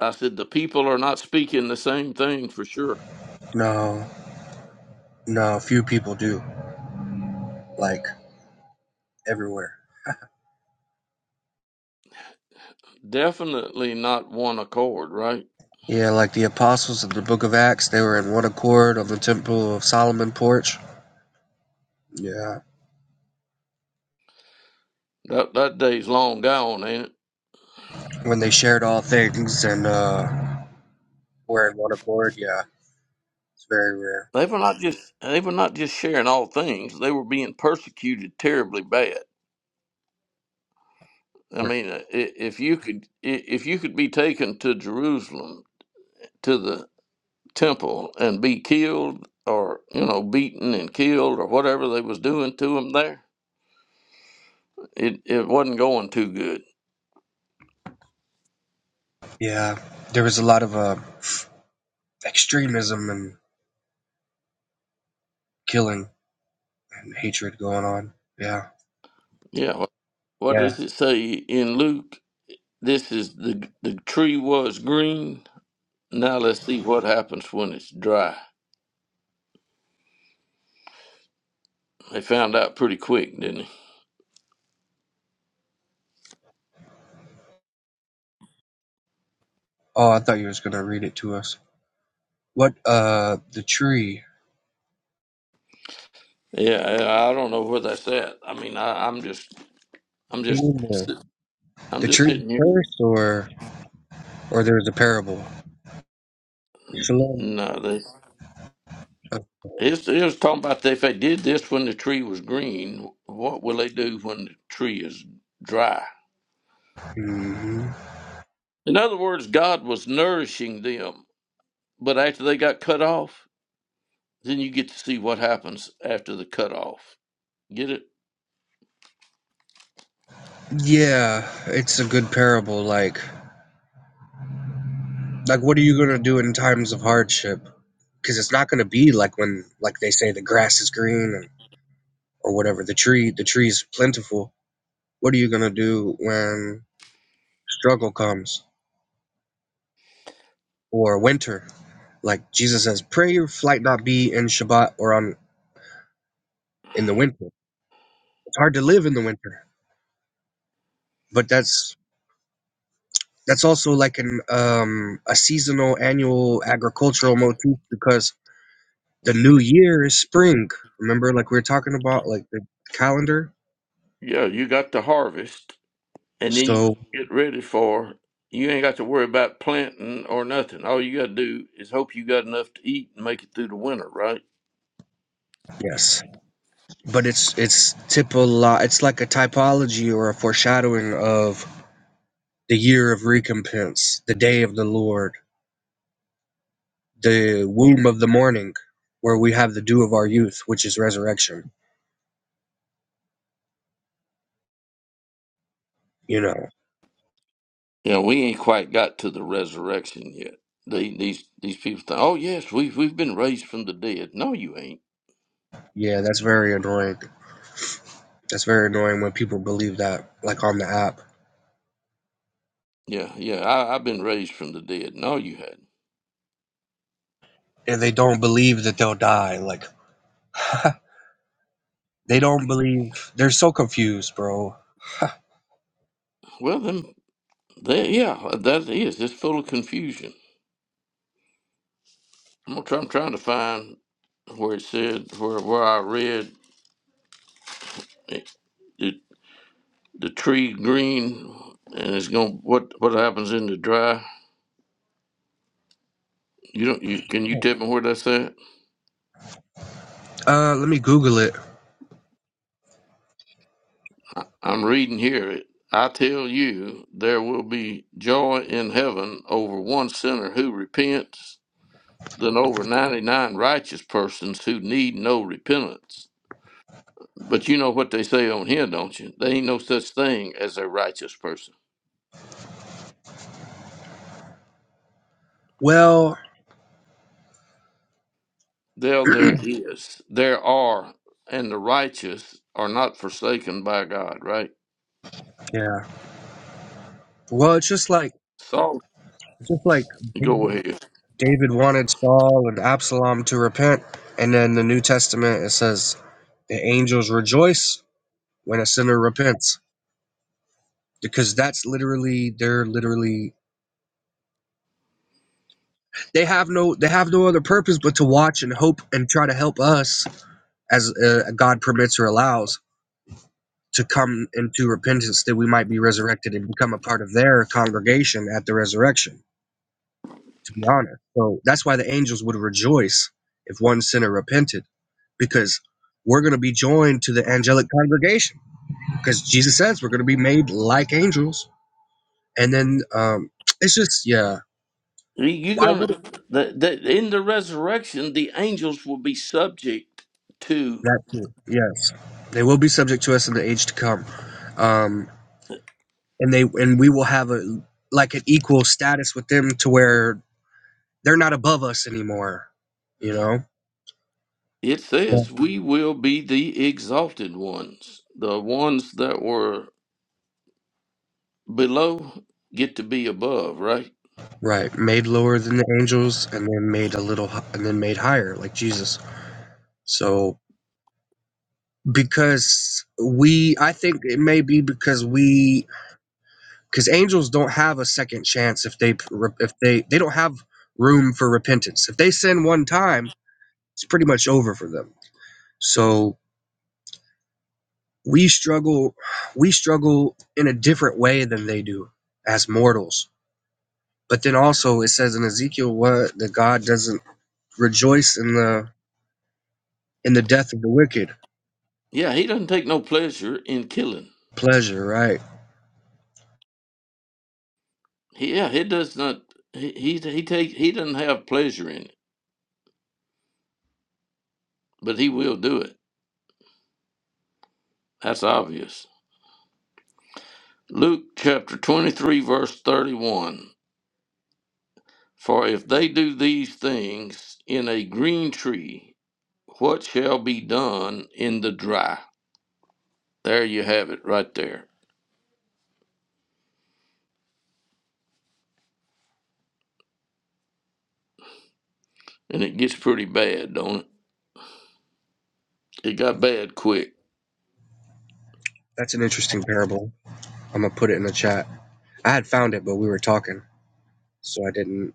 B: I said, the people are not speaking the same thing for sure.
C: No. No, few people do. Like everywhere.
B: Definitely not one accord, right?
C: Yeah, like the apostles in the book of Acts, they were in one accord on the Temple of Solomon porch. Yeah.
B: That that day's long gone, ain't it?
C: When they shared all things and uh were in one accord, yeah. It's very rare.
B: They were not just they were not just sharing all things. They were being persecuted terribly bad. I
C: Or-
B: mean, uh, i- if you could i- if you could be taken to Jerusalem to the temple and be killed or you know beaten and killed or whatever they was doing to them there, it it wasn't going too good.
C: Yeah. There was a lot of uh extremism and killing and hatred going on. Yeah.
B: Yeah, what
C: Yeah.
B: does it say in Luke? This is the the tree was green. Now let's see what happens when it's dry. They found out pretty quick, didn't
C: Oh, I thought you was gonna read it to us. What uh the tree.
B: they? Yeah, I I don't know where that's at. I mean, I, I'm just, I'm
C: You
B: just,
C: mean the
B: sit- I'm
C: the
B: just
C: tree
B: sitting here.
C: first or or there was a parable? Shalom.
B: No, they.
C: Okay.
B: It's, it was talking about if they did this when the tree was green, what will they do when the tree is dry?
C: hmm
B: In other words, God was nourishing them, but after they got cut off, then you get to see what happens after the cutoff. Get it?
C: Yeah, it's a good parable. Like, like what are you gonna do in times of hardship? Because it's not gonna be like when, like they say, the grass is green and, or whatever. The tree, the tree's plentiful. What are you gonna do when struggle comes or winter? Like Jesus says, pray your flight not be in Shabbat or on in the winter. It's hard to live in the winter, but that's that's also like an um a seasonal annual agricultural motif because The new year is spring. Remember, like we were talking about, like the calendar.
B: Yeah, you got the harvest, and then you
C: So
B: get ready for. You ain't got to worry about planting or nothing. All you got to do is hope you got enough to eat and make it through the winter, right?
C: yes, but it's it's typolo- It's like a typology or a foreshadowing of the year of recompense, the day of the Lord, the womb of the morning, where we have the dew of our youth, which is resurrection. You know,
B: Yeah, we ain't quite got to the resurrection yet. They, these these people think, oh yes, we've we've been raised from the dead. No, you ain't.
C: yeah, that's very annoying. That's very annoying when people believe that, like on the app,
B: Yeah, yeah, I, I've been raised from the dead. No, you hadn't.
C: and they don't believe that they'll die. Like, they don't believe. They're so confused, bro
B: Well, then, they, yeah, that is. It's full of confusion. I'm gonna try. I'm trying to find where it said where where I read it, it the tree green and it's going to what what happens in the dry you don't you can you tell me where that's at
C: Uh, let me Google it.
B: I, i'm reading here i tell you there will be joy in heaven over one sinner who repents than over 99 righteous persons who need no repentance but you know what they say on here don't you there ain't no such thing as a righteous person
C: Well,
B: there there is there are and the righteous are not forsaken by god right
C: yeah. Well, it's just like
B: Saul
C: just like
B: Go
C: David
B: ahead.
C: David wanted Saul and Absalom to repent, and then the New Testament it says the angels rejoice when a sinner repents because that's literally they're literally they have no they have no other purpose but to watch and hope and try to help us as uh, God permits or allows to come into repentance that we might be resurrected and become a part of their congregation at the resurrection to be honest. So that's why the angels would rejoice if one sinner repented, because we're going to be joined to the angelic congregation, because Jesus says we're going to be made like angels. And then um, it's just, yeah,
B: You- are
C: why would it?
B: gonna that, that in the resurrection, the angels will be subject to.
C: That too. Yes, they will be subject to us in the age to come, um, and they and we will have a like an equal status with them to where they're not above us anymore, you know.
B: It says we will be the exalted ones. The ones that were below get to be above, right?
C: Right, made lower than the angels and then made a little hi- and then made higher like Jesus. So because we I think it may be because we cuz angels don't have a second chance if they if they they don't have room for repentance. If they sin one time, it's pretty much over for them. So we struggle we struggle in a different way than they do as mortals. But then also it says in Ezekiel what that God doesn't rejoice in the in the death of the wicked
B: Yeah, he doesn't take no pleasure in killing.
C: Pleasure, right.
B: He, yeah, he does not. He he he take he doesn't have pleasure in it, but he will do it. That's obvious. Luke chapter twenty three verse thirty one. For if they do these things in a green tree, what shall be done in the dry? There you have it right there. And it gets pretty bad, don't it? It got bad quick.
C: That's an interesting parable. I'm going to put it in the chat. I had found it, but we were talking, so I didn't.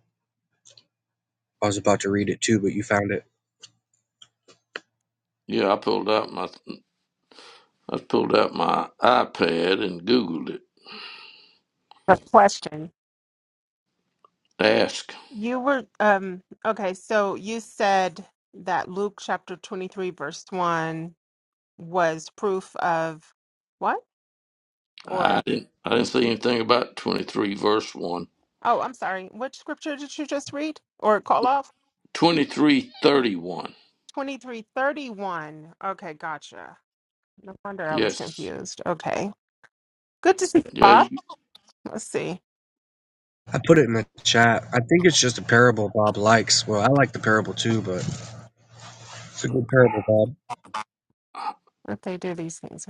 C: I was about to read it too, but you found it.
B: Yeah, I pulled out my I pulled out my iPad and Googled it.
D: a question.
B: Ask.
D: You were um okay, so you said that Luke chapter 23 verse 1 was proof of what?
B: I
D: Or
B: didn't I didn't see anything about twenty three verse one.
D: oh, I'm sorry. What scripture did you just read or call off?
B: Twenty three thirty one.
D: 2331. Okay, gotcha. No wonder I was
B: Yes.
D: confused. Okay. Good to see you,
B: Yeah you,
D: Bob. Let's see
C: I put it in the chat. I think it's just a parable Bob likes. Well, I like the parable too, but it's a good parable, Bob.
D: if they do these things.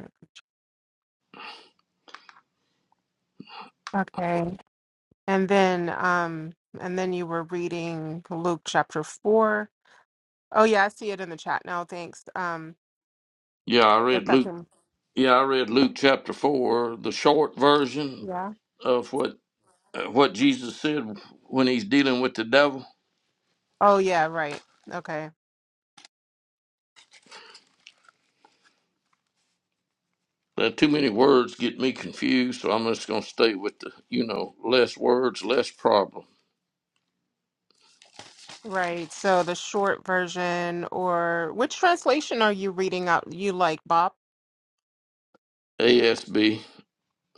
D: Okay. And then um and then you were reading Luke chapter 4 Oh yeah, I see it in the chat now. Thanks. Um,
B: yeah, I
D: if
B: read
D: I
B: Luke
D: can,
B: yeah, I read Luke chapter four, the short version
D: yeah.
B: of what uh, what Jesus said when he's dealing with the devil.
D: Oh yeah, right. Okay,
B: There are too many words get me confused, so I'm just going to stay with the, you know, less words, less problem.
D: right. So the short version, or which translation are you reading out? You like Bob?
B: ASB,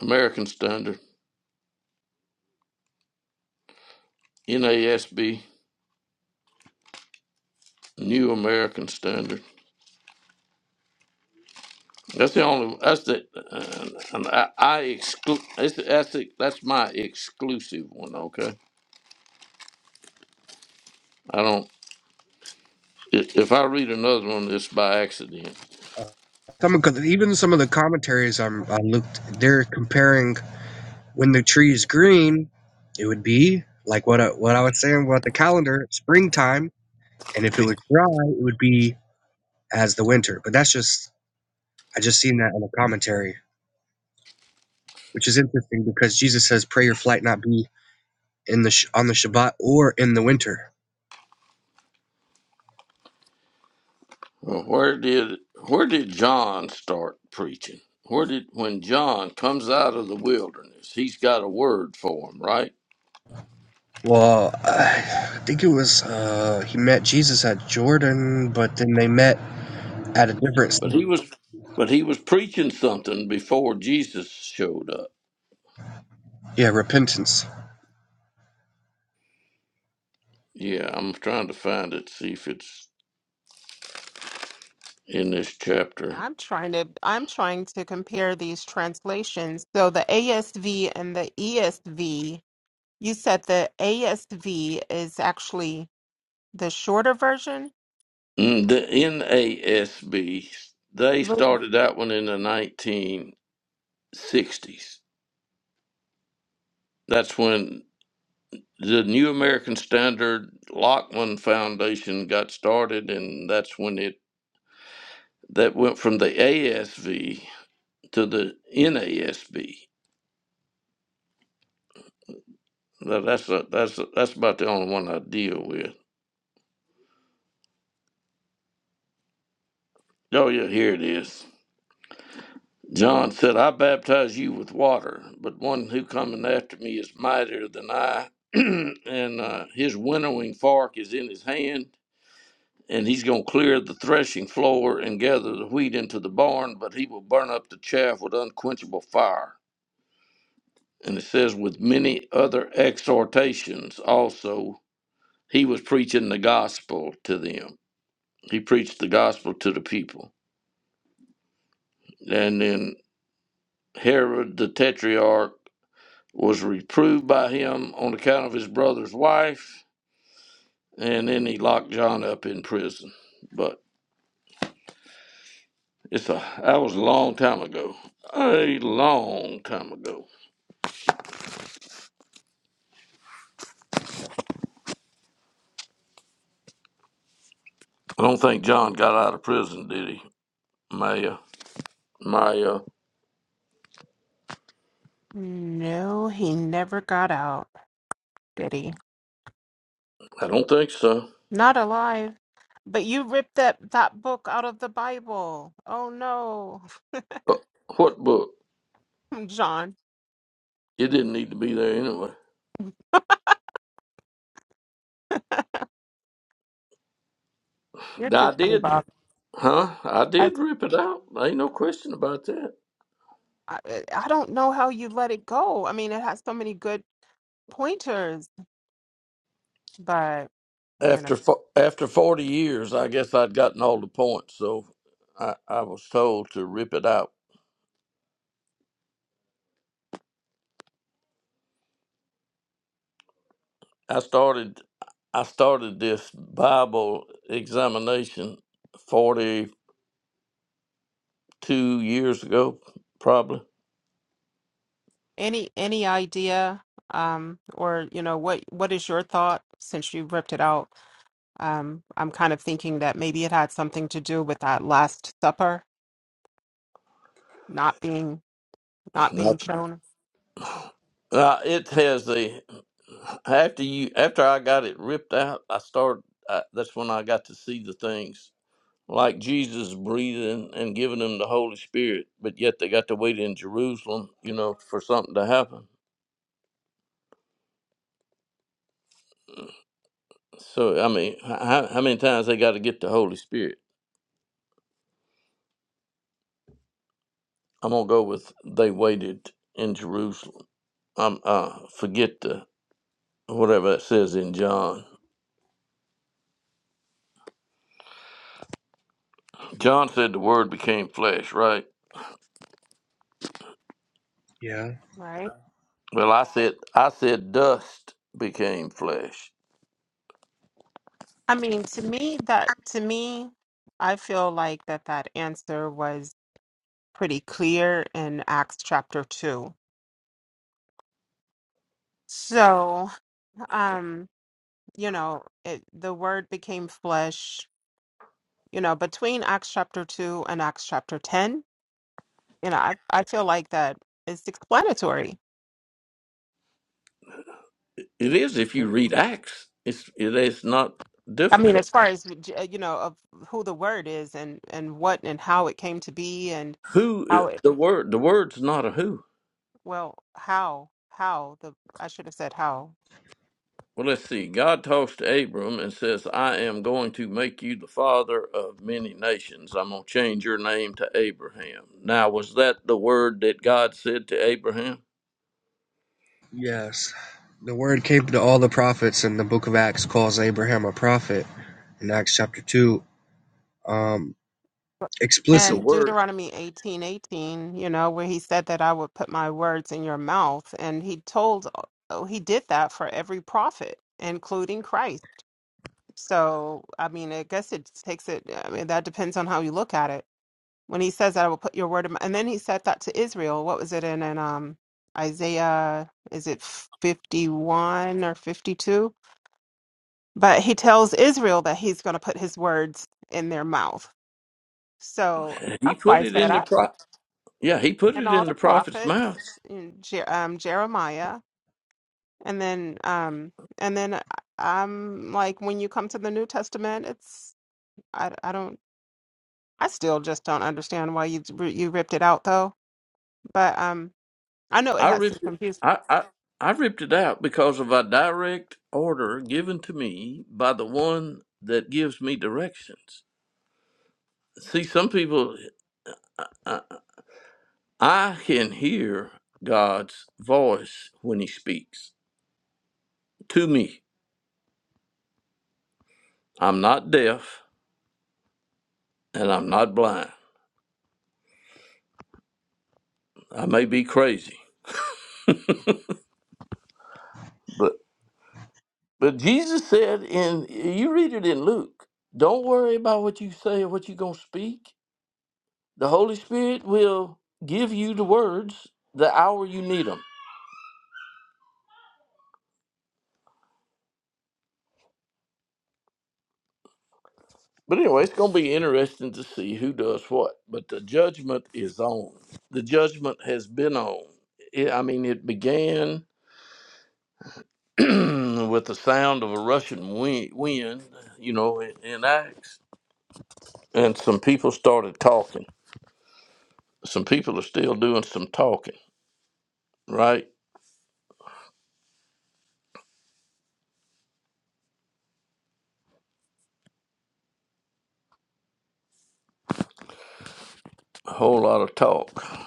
B: American Standard, NASB, New American Standard. That's the only. That's the. Uh, and I, I exclude. That's that's, the- that's my exclusive one. Okay. I don't. i- If I read another one, it's by accident.
C: Some of, even some of the commentaries I'm, I looked, they're comparing When the tree is green, it would be like what I, what I was saying about the calendar, springtime. And if it was dry, it would be as the winter. But that's just I just seen that in a commentary, which is interesting because Jesus says, "Pray your flight not be in the sh- on the Shabbat or in the winter."
B: Well, where did where did John start preaching? Where did when John comes out of the wilderness, he's got a word for him, right?
C: Well, I think it was uh, he met Jesus at Jordan, but then they met at a different
B: But he was but he was preaching something before Jesus showed up.
C: yeah repentance.
B: Yeah, I'm trying to find it, see if it's in this chapter.
D: I'm trying to. I'm trying to compare these translations. So the ASV and the ESV. You said the ASV is actually the shorter version.
B: Mm, The NASB they
D: Look,
B: started that one in the 1960s. That's when. the New American Standard Lockman Foundation got started, and that's when it that went from the ASV to the NASB. Now, that's a, that's a, that's about the only one I deal with. Oh yeah, here it is. John said, "I baptize you with water, but one who cometh after me is mightier than I, and uh, his winnowing fork is in his hand." and he's going to clear the threshing floor and gather the wheat into the barn, but he will burn up the chaff with unquenchable fire. And it says, with many other exhortations also, he was preaching the gospel to them. He preached the gospel to the people. And then Herod the Tetrarch was reproved by him on account of his brother's wife, and then he locked John up in prison. But it's a that was a long time ago, a long time ago. I don't think John got out of prison, did he? Maya, Maya,
D: no, he never got out, did he?
B: I don't think so.
D: Not alive. But you ripped that, that book out of the Bible. Oh no,
B: Uh, what book?
D: John,
B: It didn't need to be there anyway.
D: you're too
B: I
D: funny,
B: did,
D: Bob.
B: huh? I
D: I,
B: did rip it out. Ain't no question about that.
D: I I don't know how you let it go. I mean, it has so many good pointers, but you know,
B: After fo- after forty years, I guess I'd gotten all the points, so I, I was told to rip it out. I started I started this Bible examination forty two years ago, probably.
D: any any idea, um, or you know, what what is your thought since you ripped it out? Um, I'm kind of thinking that maybe it had something to do with that Last Supper not being not being shown.
B: Uh, it has the after you after I got it ripped out, I started. I, that's when I got to see the things like Jesus breathing and giving them the Holy Spirit, but yet they got to wait in Jerusalem, you know, for something to happen. So I mean, h- how, how many times they got to get the Holy Spirit? I'm gonna go with they waited in Jerusalem. I'm uh forget the whatever that says in John. John said the Word became flesh, right?
C: Yeah.
D: Right.
B: Well, I said, I said, dust became flesh.
D: I mean, to me, that to me, I feel like that that answer was pretty clear in Acts chapter 2. So, um, you know, it, the word became flesh you know, between Acts chapter 2 and Acts chapter 10, you know, I, I feel like that is explanatory.
B: It is if you read Acts. It's it is not
D: I mean,
B: difficult.
D: as far as, uh, you know, of who the word is and, and what and how it came to be and
B: Who
D: how it,
B: the word? The word's not a who.
D: well, how, how the, I should have said how.
B: Well, let's see. God talks to Abram and says, "I am going to make you the father of many nations. I'm going to change your name to Abraham." Now, was that the word that God said to Abraham?
C: Yes. The word came to all the prophets, and the book of Acts calls Abraham a prophet. in Acts chapter 2 um,
B: But the
C: explicitly.
D: And
B: word
D: Deuteronomy eighteen eighteen, you know, where he said that I would put my words in your mouth. And he told, oh, he did that for every prophet, including Christ. So, I mean, I guess it takes it, I mean, that depends on how you look at it when he says that I will put your word in my, and then he said that to Israel. What was it in in um Isaiah is it 51 or 52? But he tells Israel that he's going to put his words in their mouth. So
B: he
D: that's
B: put
D: why I
B: it
D: said
B: in the
D: that.
B: pro. Yeah, he put
D: And
B: it
D: all
B: in
D: the
B: the prophet's
D: prophets,
B: mouth.
D: and Je- um, Jeremiah, and then um and then uh, I'm like when you come to the New Testament, it's I I don't I still just don't understand why you you ripped it out though. But um I know it
B: I
D: has some
B: ripped it.
D: confusion.
B: I, I I ripped it out because of a direct order given to me by the one that gives me directions. See, some people, I, I can hear God's voice when He speaks to me. I'm not deaf and I'm not blind. I may be crazy, but but Jesus said in you read it in Luke. Don't worry about what you say or what you're gonna speak. The Holy Spirit will give you the words the hour you need them. But anyway, it's going to be interesting to see who does what. But the judgment is on. The judgment has been on. It, I mean, it began with the sound of a Russian wind, wind you know, in, in Acts. And some people started talking. Some people are still doing some talking, right? A whole lot of talk.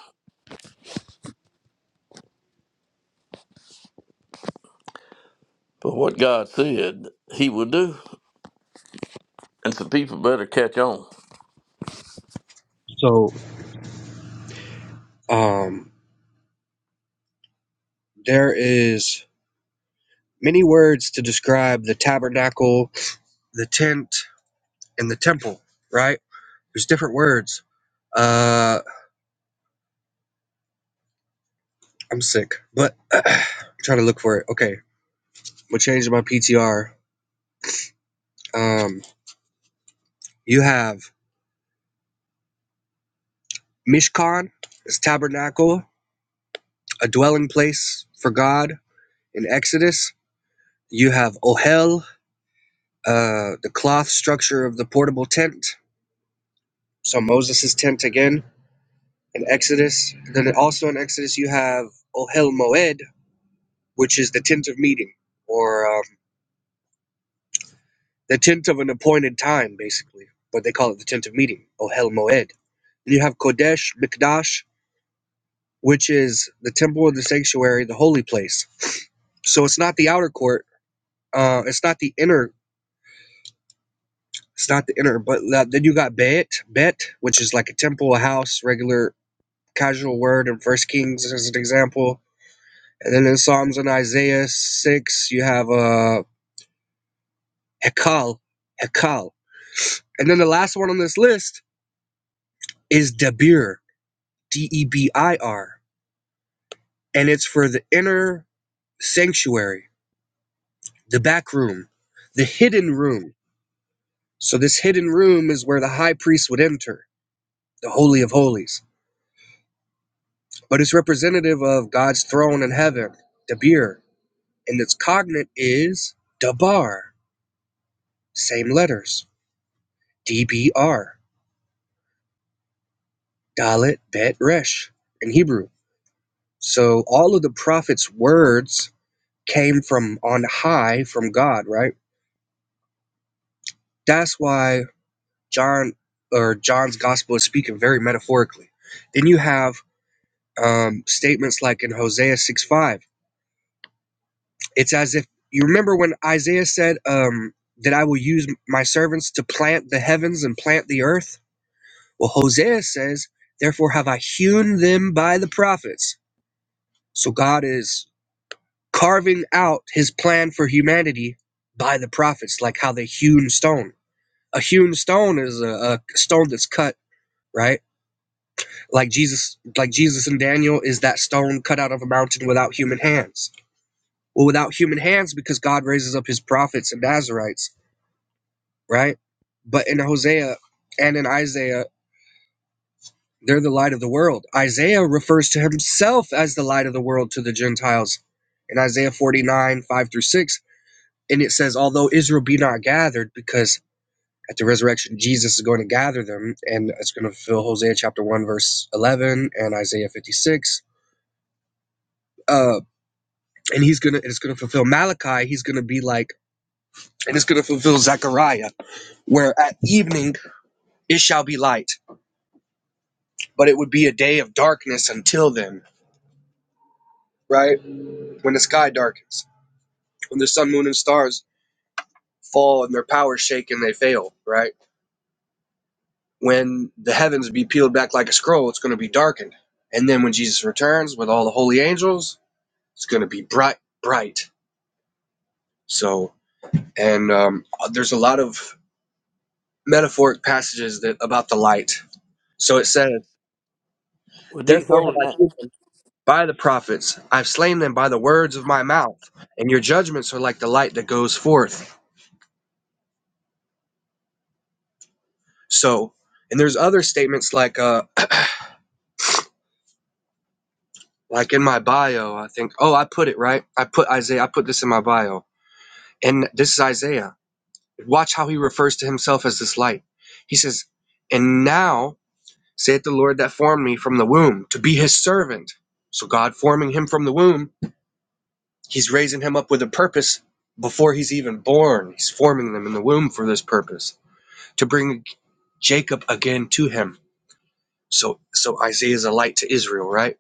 B: But what God said, He will do. And some people better catch on.
C: So um, there is many words to describe the tabernacle, the tent, and the temple, right? There's different words. Uh, I'm sick, but I'm trying to look for it. Okay, we'll change my PTR. Um, you have Mishkan, is tabernacle, a dwelling place for God in Exodus. You have Ohel, uh, the cloth structure of the portable tent So Moses' tent again in Exodus. And Then also in Exodus you have Ohel Moed, which is the tent of meeting, or um, the tent of an appointed time, basically. But they call it the tent of meeting, Ohel Moed. And you have Kodesh Mikdash, which is the temple of the sanctuary, the holy place. So it's not the outer court. Uh, it's not the inner. It's not the inner. But la- then you got Bet, Bet, which is like a temple, a house, regular casual word in First Kings as an example And then in Psalms and Isaiah 6, you have uh, Hekal, Hekal. And then the last one on this list is Debir, D E B I R. And it's for the inner sanctuary, the back room, the hidden room. So this hidden room is where the high priest would enter, the Holy of Holies. But it's representative of God's throne in heaven, Debir. And its cognate is Dabar, same letters, D B R. Dalet, Bet, Resh in Hebrew. So all of the prophets' words came from on high from God, right? That's why John or John's gospel is speaking very metaphorically. Then you have um, statements like in Hosea 6 5. It's as if you remember when Isaiah said um, that I will use my servants to plant the heavens and plant the earth. Well, Hosea says, Therefore have I hewn them by the prophets. So God is carving out his plan for humanity by the prophets, like how they hewn stone. A hewn stone is a, a stone that's cut, right? Like Jesus, like Jesus and Daniel is that stone cut out of a mountain without human hands. Well, without human hands, because God raises up his prophets and Nazarites, right? But in Hosea and in Isaiah, they're the light of the world. Isaiah refers to himself as the light of the world to the Gentiles in Isaiah 49, 5 through 6 and it says, although Israel be not gathered, because at the resurrection Jesus is going to gather them, and it's going to fulfill Hosea chapter one verse eleven and Isaiah fifty six. Uh, and he's gonna, it's gonna fulfill Malachi. He's gonna be like, and it's gonna fulfill Zechariah, where at evening it shall be light, but it would be a day of darkness until then, right? When the sky darkens, when the sun, moon, and stars fall and their power shake and they fail, right? when the heavens be peeled back like a scroll, it's going to be darkened. And then when Jesus returns with all the holy angels, it's going to be bright, bright. So, and um, there's a lot of metaphoric passages that about the light. So it says,
B: With these
C: "Therefore have I
B: holy
C: chosen by the prophets; I've slain them by the words of my mouth, and your judgments are like the light that goes forth." So, and there's other statements like, uh, like in my bio, I think, oh, I put it right. I put Isaiah. I put this in my bio, and this is Isaiah. Watch how he refers to himself as this light. He says, And now saith the Lord that formed me from the womb to be his servant. So God forming him from the womb, he's raising him up with a purpose before he's even born. He's forming them in the womb for this purpose to bring Jacob again to him. So so Isaiah is a light to Israel, right?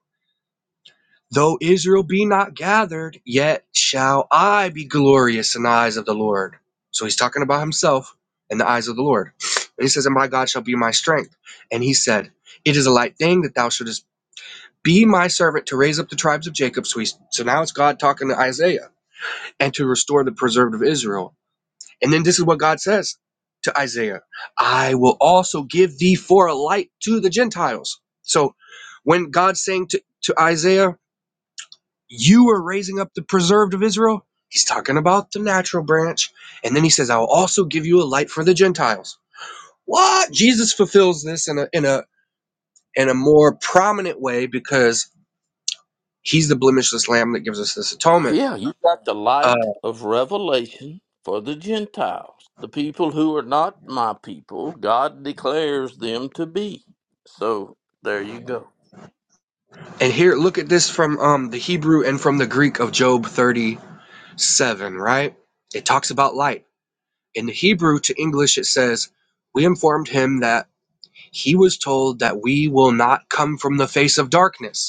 C: Though Israel be not gathered, yet shall I be glorious in the eyes of the Lord. So he's talking about himself in the eyes of the Lord. And he says, And my God shall be my strength. And he said, It is a light thing that thou shouldest be my servant to raise up the tribes of Jacob. So, he's, so now it's God talking to Isaiah and to restore the preserved of Israel. And then this is what God says to Isaiah I will also give thee for a light to the Gentiles. So when God's saying to, to Isaiah, you are raising up the preserved of Israel. He's talking about the natural branch. And then he says, I will also give you a light for the Gentiles. What? Jesus fulfills this in a in a in a more prominent way because he's the blemishless lamb that gives us this atonement.
B: Yeah, you got the
C: Uh,
B: light of revelation for the Gentiles, the people who are not my people. God declares them to be. So there you go.
C: and here, look at this from um, the Hebrew and from the Greek of Job 37, right? It talks about light. In the Hebrew to English, it says, We informed him that he was told that we will not come from the face of darkness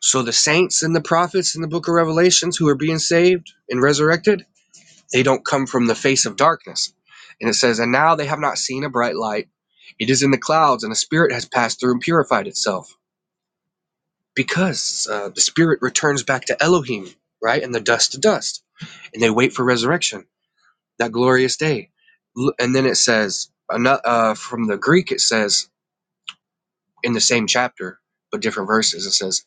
C: So the saints and the prophets in the book of Revelations who are being saved and resurrected, they don't come from the face of darkness. And it says, And now they have not seen a bright light. It is in the clouds, and a spirit has passed through and purified itself. Because uh, the spirit returns back to Elohim, right? And the dust to dust. And they wait for resurrection, that glorious day. And then it says, uh, from the Greek, it says, in the same chapter, but different verses, it says,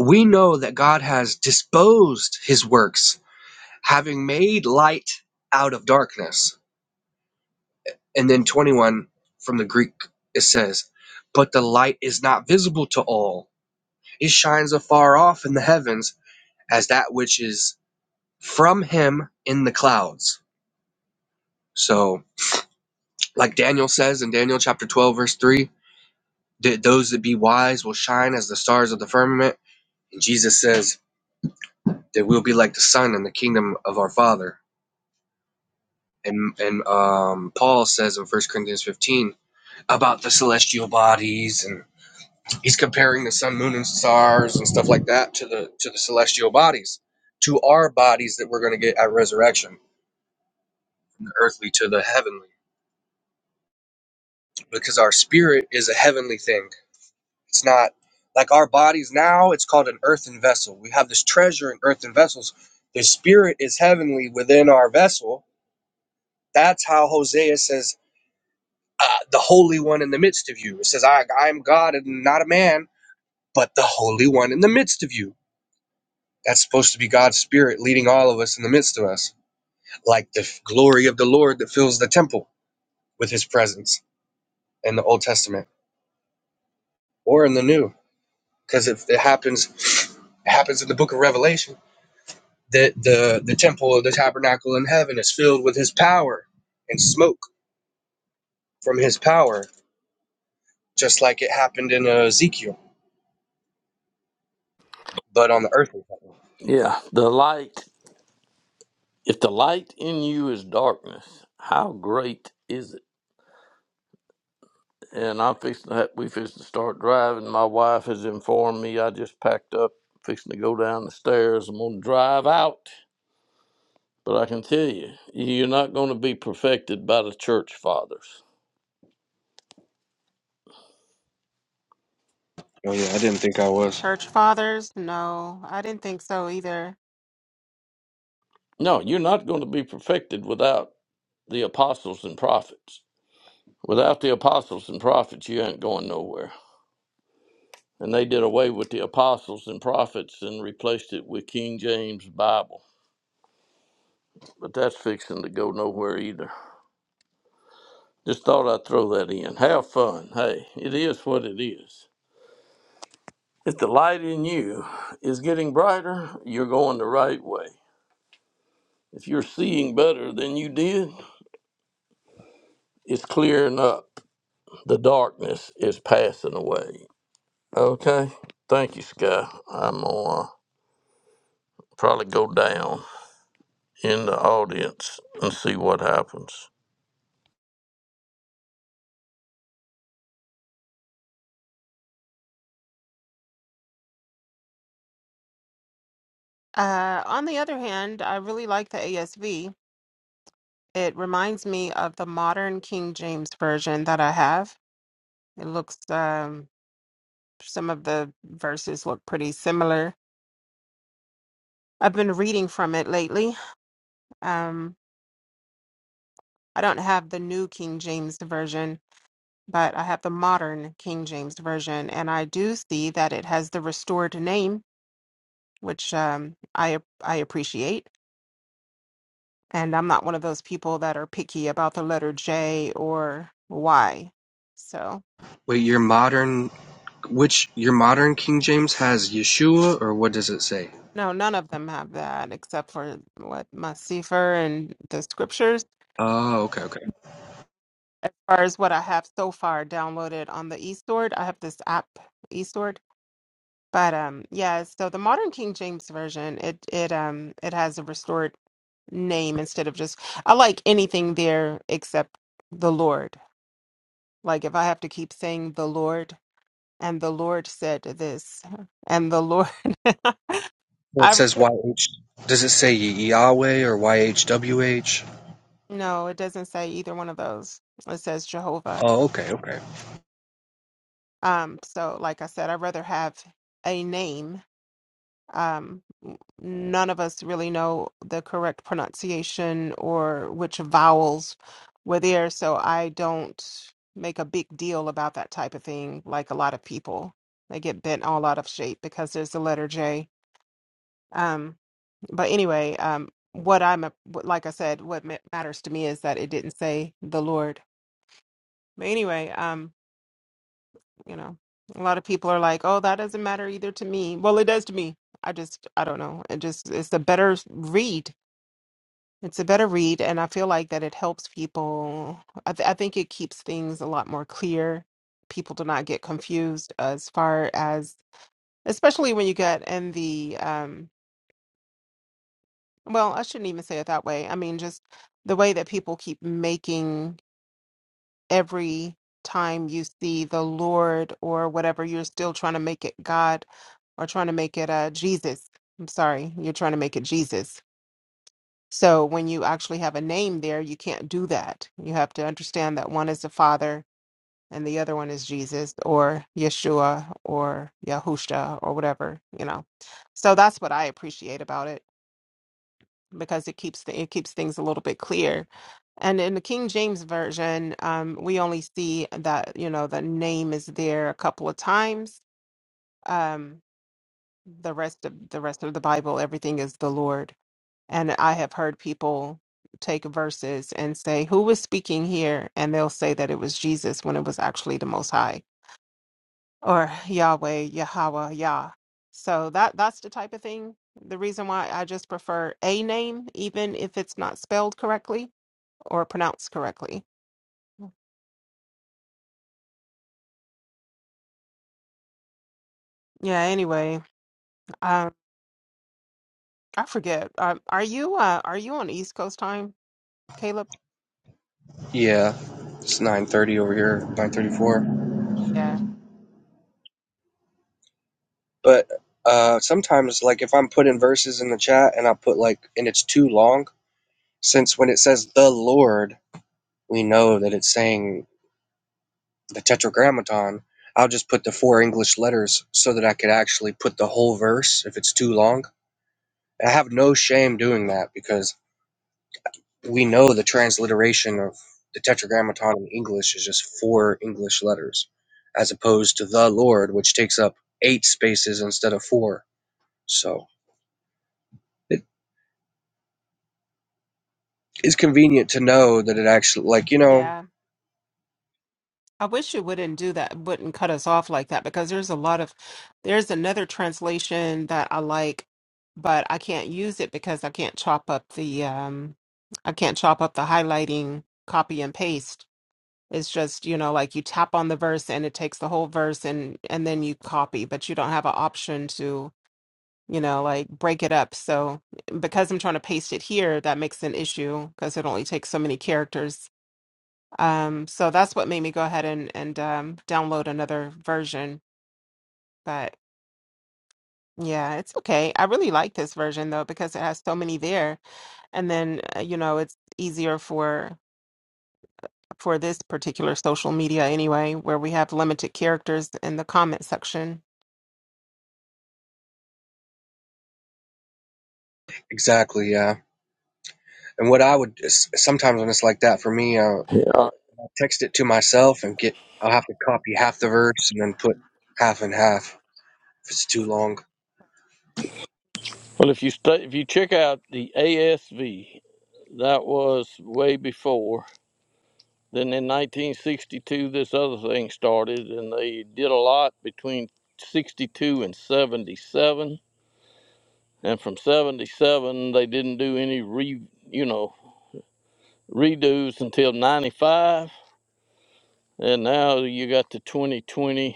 C: We know that God has disposed his works having made light out of darkness. And then 21 from the Greek, it says, But the light is not visible to all. It shines afar off in the heavens as that which is from him in the clouds. So, like Daniel says in Daniel chapter 12, verse 3, that those that be wise will shine as the stars of the firmament. And Jesus says that we'll be like the sun in the kingdom of our Father. And, and um, Paul says in First Corinthians 15, about the celestial bodies and he's comparing the sun moon and stars and stuff like that to the to the celestial bodies to our bodies that we're going to get at resurrection the earthly to the heavenly because our spirit is a heavenly thing it's not like our bodies now it's called an earthen vessel we have this treasure in earthen vessels the spirit is heavenly within our vessel that's how hosea says uh, the holy one in the midst of you it says i i am god and not a man but the holy one in the midst of you That's supposed to be God's spirit leading all of us in the midst of us, like the glory of the Lord that fills the temple with his presence in the Old Testament or in the New. Because if it happens, it happens in the book of Revelation that the, the temple of the tabernacle in heaven is filled with his power and smoke from his power, just like it happened in uh, Ezekiel, but on the earth.
B: Yeah, the light. If the light in you is darkness, how great is it? And I'm fixing to, ha- we fixing to start driving. My wife has informed me. I just packed up, fixing to go down the stairs. I'm gonna drive out. But I can tell you, you're not going to be perfected by the church fathers.
C: Oh, yeah, I didn't think I
D: The
C: was.
D: church fathers? No, I didn't think so either.
B: No, you're not going to be perfected without the apostles and prophets. Without the apostles and prophets, you ain't going nowhere. And they did away with the apostles and prophets and replaced it with King James Bible. But that's fixing to go nowhere either. Just thought I'd throw that in. Have fun. Hey, it is what it is. If the light in you is getting brighter, you're going the right way. If you're seeing better than you did, it's clearing up. The darkness is passing away. Okay. Thank you, Sky. I'm gonna uh, probably go down in the audience and see what happens.
D: Uh, on the other hand, I really like the ASV. It reminds me of the modern King James version that I have. It looks, um, some of the verses look pretty similar. I've been reading from it lately. Um, I don't have the new King James version, but I have the modern King James version, and I do see that it has the restored name, which um, I I appreciate. And I'm not one of those people that are picky about the letter J or Y. So,
C: Wait, your modern which your modern King James has Yeshua, or what does it say?
D: no, none of them have that except for what my Sefer and the scriptures.
C: Oh, okay, okay.
D: As far as what I have so far downloaded on the eSword, I have this app, eSword. But um yeah, so the modern King James version, it it um it has a restored name instead of just I like anything there except the Lord. Like if I have to keep saying the Lord And the Lord said this. And the Lord,
C: Where it
D: I read,
C: says YH, does it say Yahweh or YHWH?
D: no, it doesn't say either one of those. It says Jehovah.
C: Oh, okay, okay.
D: Um, so like I said, I'd rather have a name. Um, n- none of us really know the correct pronunciation or which vowels were there, so I don't make a big deal about that type of thing like a lot of people. They get bent all out of shape because there's the letter J. Um, but anyway, um, what I'm a- what- like I said, what ma- matters to me is that it didn't say the Lord. But anyway, um, you know, a lot of people are like, "Oh, that doesn't matter either to me." Well, it does to me. I just, I don't know. It just, it's a better read. It's a better read, and I feel like that it helps people. I, th- I think it keeps things a lot more clear. People do not get confused as far as, especially when you get in the um, Well, I shouldn't even say it that way. I mean, just the way that people keep making every time you see the Lord or whatever, you're still trying to make it God or trying to make it uh, Jesus. I'm sorry, you're trying to make it Jesus. So when you actually have a name there, you can't do that. You have to understand that one is the Father and the other one is Jesus or Yeshua or Yahusha or whatever, you know. So that's what I appreciate about it because it keeps the, it keeps things a little bit clear. And in the King James version, um, we only see that you know the name is there a couple of times. Um, the rest of the rest of the Bible, everything is the Lord. And I have heard people take verses and say, "Who was speaking here?" And they'll say that it was Jesus when it was actually the Most High or Yahweh, Yahweh, Yah. So that that's the type of thing. The reason why I just prefer a name, even if it's not spelled correctly or pronounced correctly. Yeah, anyway, um, I forget. Um, are you uh are you on East Coast time, Caleb?
C: Yeah, it's 9:30 over here, 9:34.
D: Yeah.
C: But uh, sometimes, like if I'm putting verses in the chat and I put like, and it's too long, since when it says the Lord, we know that it's saying the Tetragrammaton. I'll just put the four English letters so that I could actually put the whole verse if it's too long. I have no shame doing that because we know the transliteration of the tetragrammaton in English is just four English letters, as opposed to the Lord, which takes up eight spaces instead of four. So it is convenient to know that it actually, like, you know,
D: Yeah. I wish you wouldn't do that, wouldn't cut us off like that because there's a lot of there's another translation that I like, but I can't use it because I can't chop up the um I can't chop up the highlighting, copy and paste. It's just, you know, like you tap on the verse and it takes the whole verse and and then you copy, but you don't have an option to you know, like break it up. So because I'm trying to paste it here, that makes an issue because it only takes so many characters. Um, so that's what made me go ahead and and um, download another version. But yeah, it's okay. I really like this version though because it has so many there, and then uh, you know it's easier for for this particular social media anyway, where we have limited characters in the comment section.
C: exactly, yeah. And what I would sometimes when it's like that for me, uh,
B: Yeah. right.
C: I'll text it to myself and get, I'll have to copy half the verse and then put half and half if it's too long.
B: Well, if you stay, if you check out the ASV, that was way before. Then in 1962, this other thing started, and they did a lot between 62 and 77. And from 77, they didn't do any re, you know, redos until 95. And now you got the 2020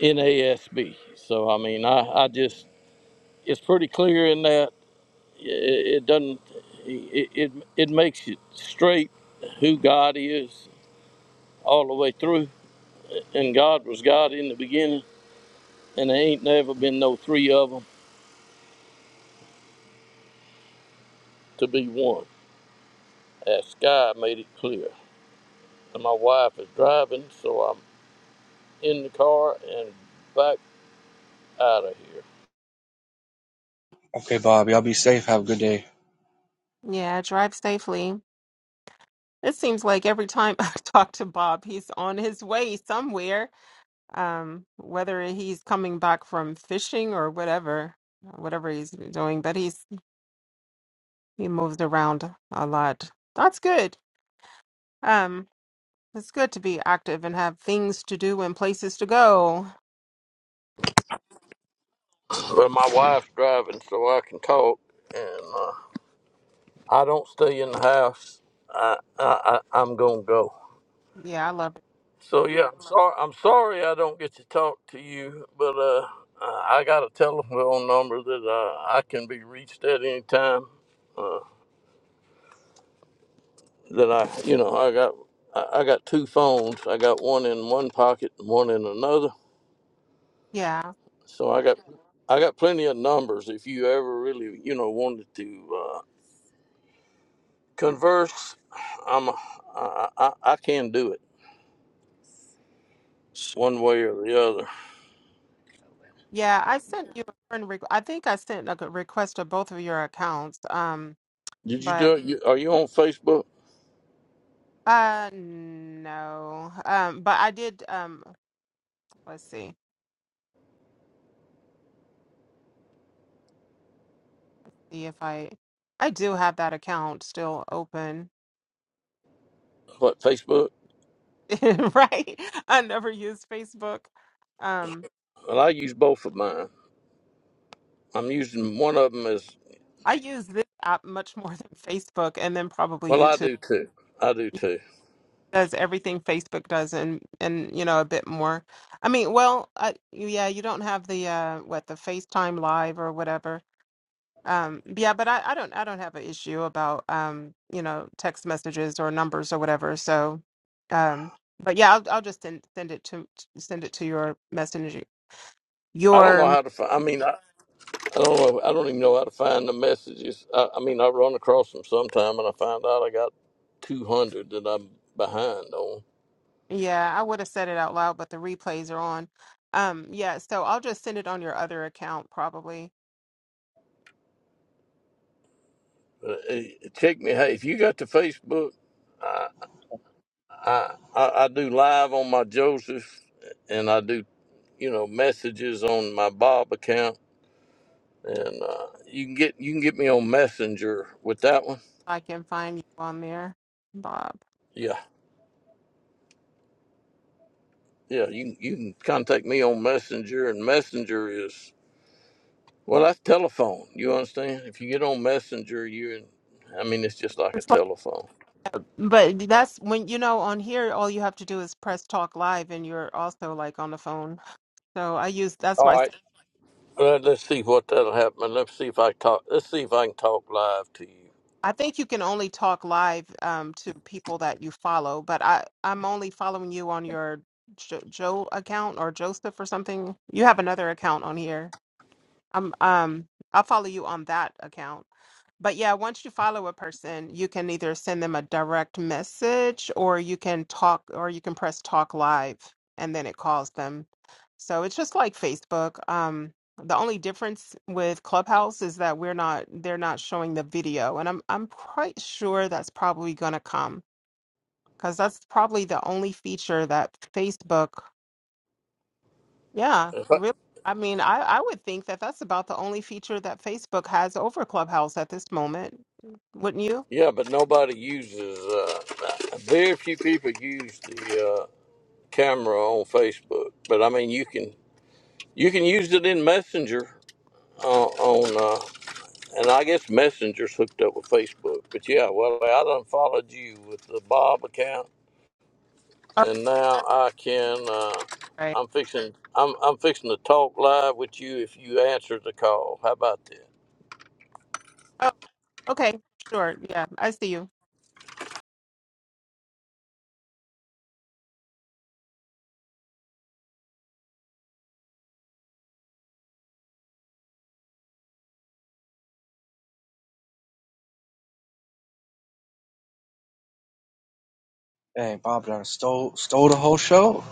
B: NASB. So I mean, I, I just it's pretty clear in that it, it doesn't it, it it makes it straight who God is all the way through, and God was God in the beginning, and there ain't never been no three of them to be one. That sky made it clear. And my wife is driving, so I'm in the car and back out of here.
C: Okay, Bob, y'all be safe. Have a good day.
D: Yeah, drive safely. It seems like every time I talk to Bob, he's on his way somewhere. Um, whether he's coming back from fishing or whatever, whatever he's doing, but he's He moved around a lot. That's good. Um, it's good to be active and have things to do and places to go.
B: Well, my wife's driving, so I can talk, and. uh, I don't stay in the house. I, I, I I'm gonna go.
D: Yeah, I love it.
B: So yeah, I'm sorry. I'm sorry I don't get to talk to you, but uh, I I got a telephone number that uh, I can be reached at any time. Uh, that I, you know, I got I, I got two phones. I got one in one pocket and one in another.
D: Yeah.
B: So I got I got plenty of numbers. If you ever really, you know, wanted to uh, converse, I'm a, I, I I can do it
D: Sh-
B: one way or the other.
D: Yeah, I sent you a friend requ I think I sent a g- request to both of your accounts. Um,
B: Did you
D: but
B: do it? You, are you on Facebook?
D: uh no. Um, but I did um let's see. See if I I do have that account still open.
B: What Facebook?
D: Right? I never use Facebook. Um,
B: Well, I use both of mine. I'm using one of them as
D: I use this app much more than Facebook and then probably
B: well. I
D: YouTube.
B: do too. I do
D: It
B: too.
D: does everything Facebook does and and you know a bit more. I mean, well, I, yeah, you don't have the uh what the FaceTime Live or whatever. Um yeah, but I I don't I don't have an issue about um you know text messages or numbers or whatever. So um but yeah, I'll I'll just send send it to send it to your messenger
B: I don't know
D: your
B: how to find. I mean, I, I don't know. I don't even know how to find the messages. I, I mean, I run across them sometime, and I find out I got 200 that I'm behind on.
D: Yeah, I would have said it out loud, but the replays are on. Um, yeah, so I'll just send it on your other account probably.
B: But, eh, Check me. Hey, if you got the Facebook, I I I I do live on my Joseph, and I do you know messages on my Bob account and uh, you can get you can get me on Messenger with that one.
D: I can find you on there, Bob.
B: Yeah, yeah. You you can contact me on Messenger, and Messenger is well, that's telephone. You understand? If you get on Messenger, you and I mean, it's just like a
D: It's like-
B: telephone.
D: But that's when you know on here, all you have to do is press talk live, and you're also like on the phone. So I use that's
B: All
D: why I
B: right.
D: said
B: Well, let's see what that'll happen. Let's see if I talk. Let's see if I can talk live to you.
D: I think you can only talk live um, to people that you follow. But I I'm only following you on your jo- Joe account or Joseph or something. You have another account on here. I'm um I'll follow you on that account. But yeah, once you follow a person, you can either send them a direct message or you can talk or you can press talk live and then it calls them. So it's just like Facebook. Um, the only difference with Clubhouse is that we're not they're not showing the video and I'm I'm quite sure that's probably gonna come because that's probably the only feature that Facebook, yeah,
B: If I-
D: really. I mean, I, I would think that that's about the only feature that Facebook has over Clubhouse at this moment, wouldn't you?
B: yeah, but nobody uses. Uh, very few people use the uh, camera on Facebook. But I mean, you can you can use it in Messenger uh, on, uh, and I guess Messenger's hooked up with Facebook. But yeah, well, I done followed you with the Bob account, and now I can. Uh,
D: Right.
B: I'm fixing. I'm I'm fixing to talk live with you if you answer the call. How about that?
D: Oh, okay. Sure. Yeah, I see you.
C: Hey, Bob, done stole stole the whole show.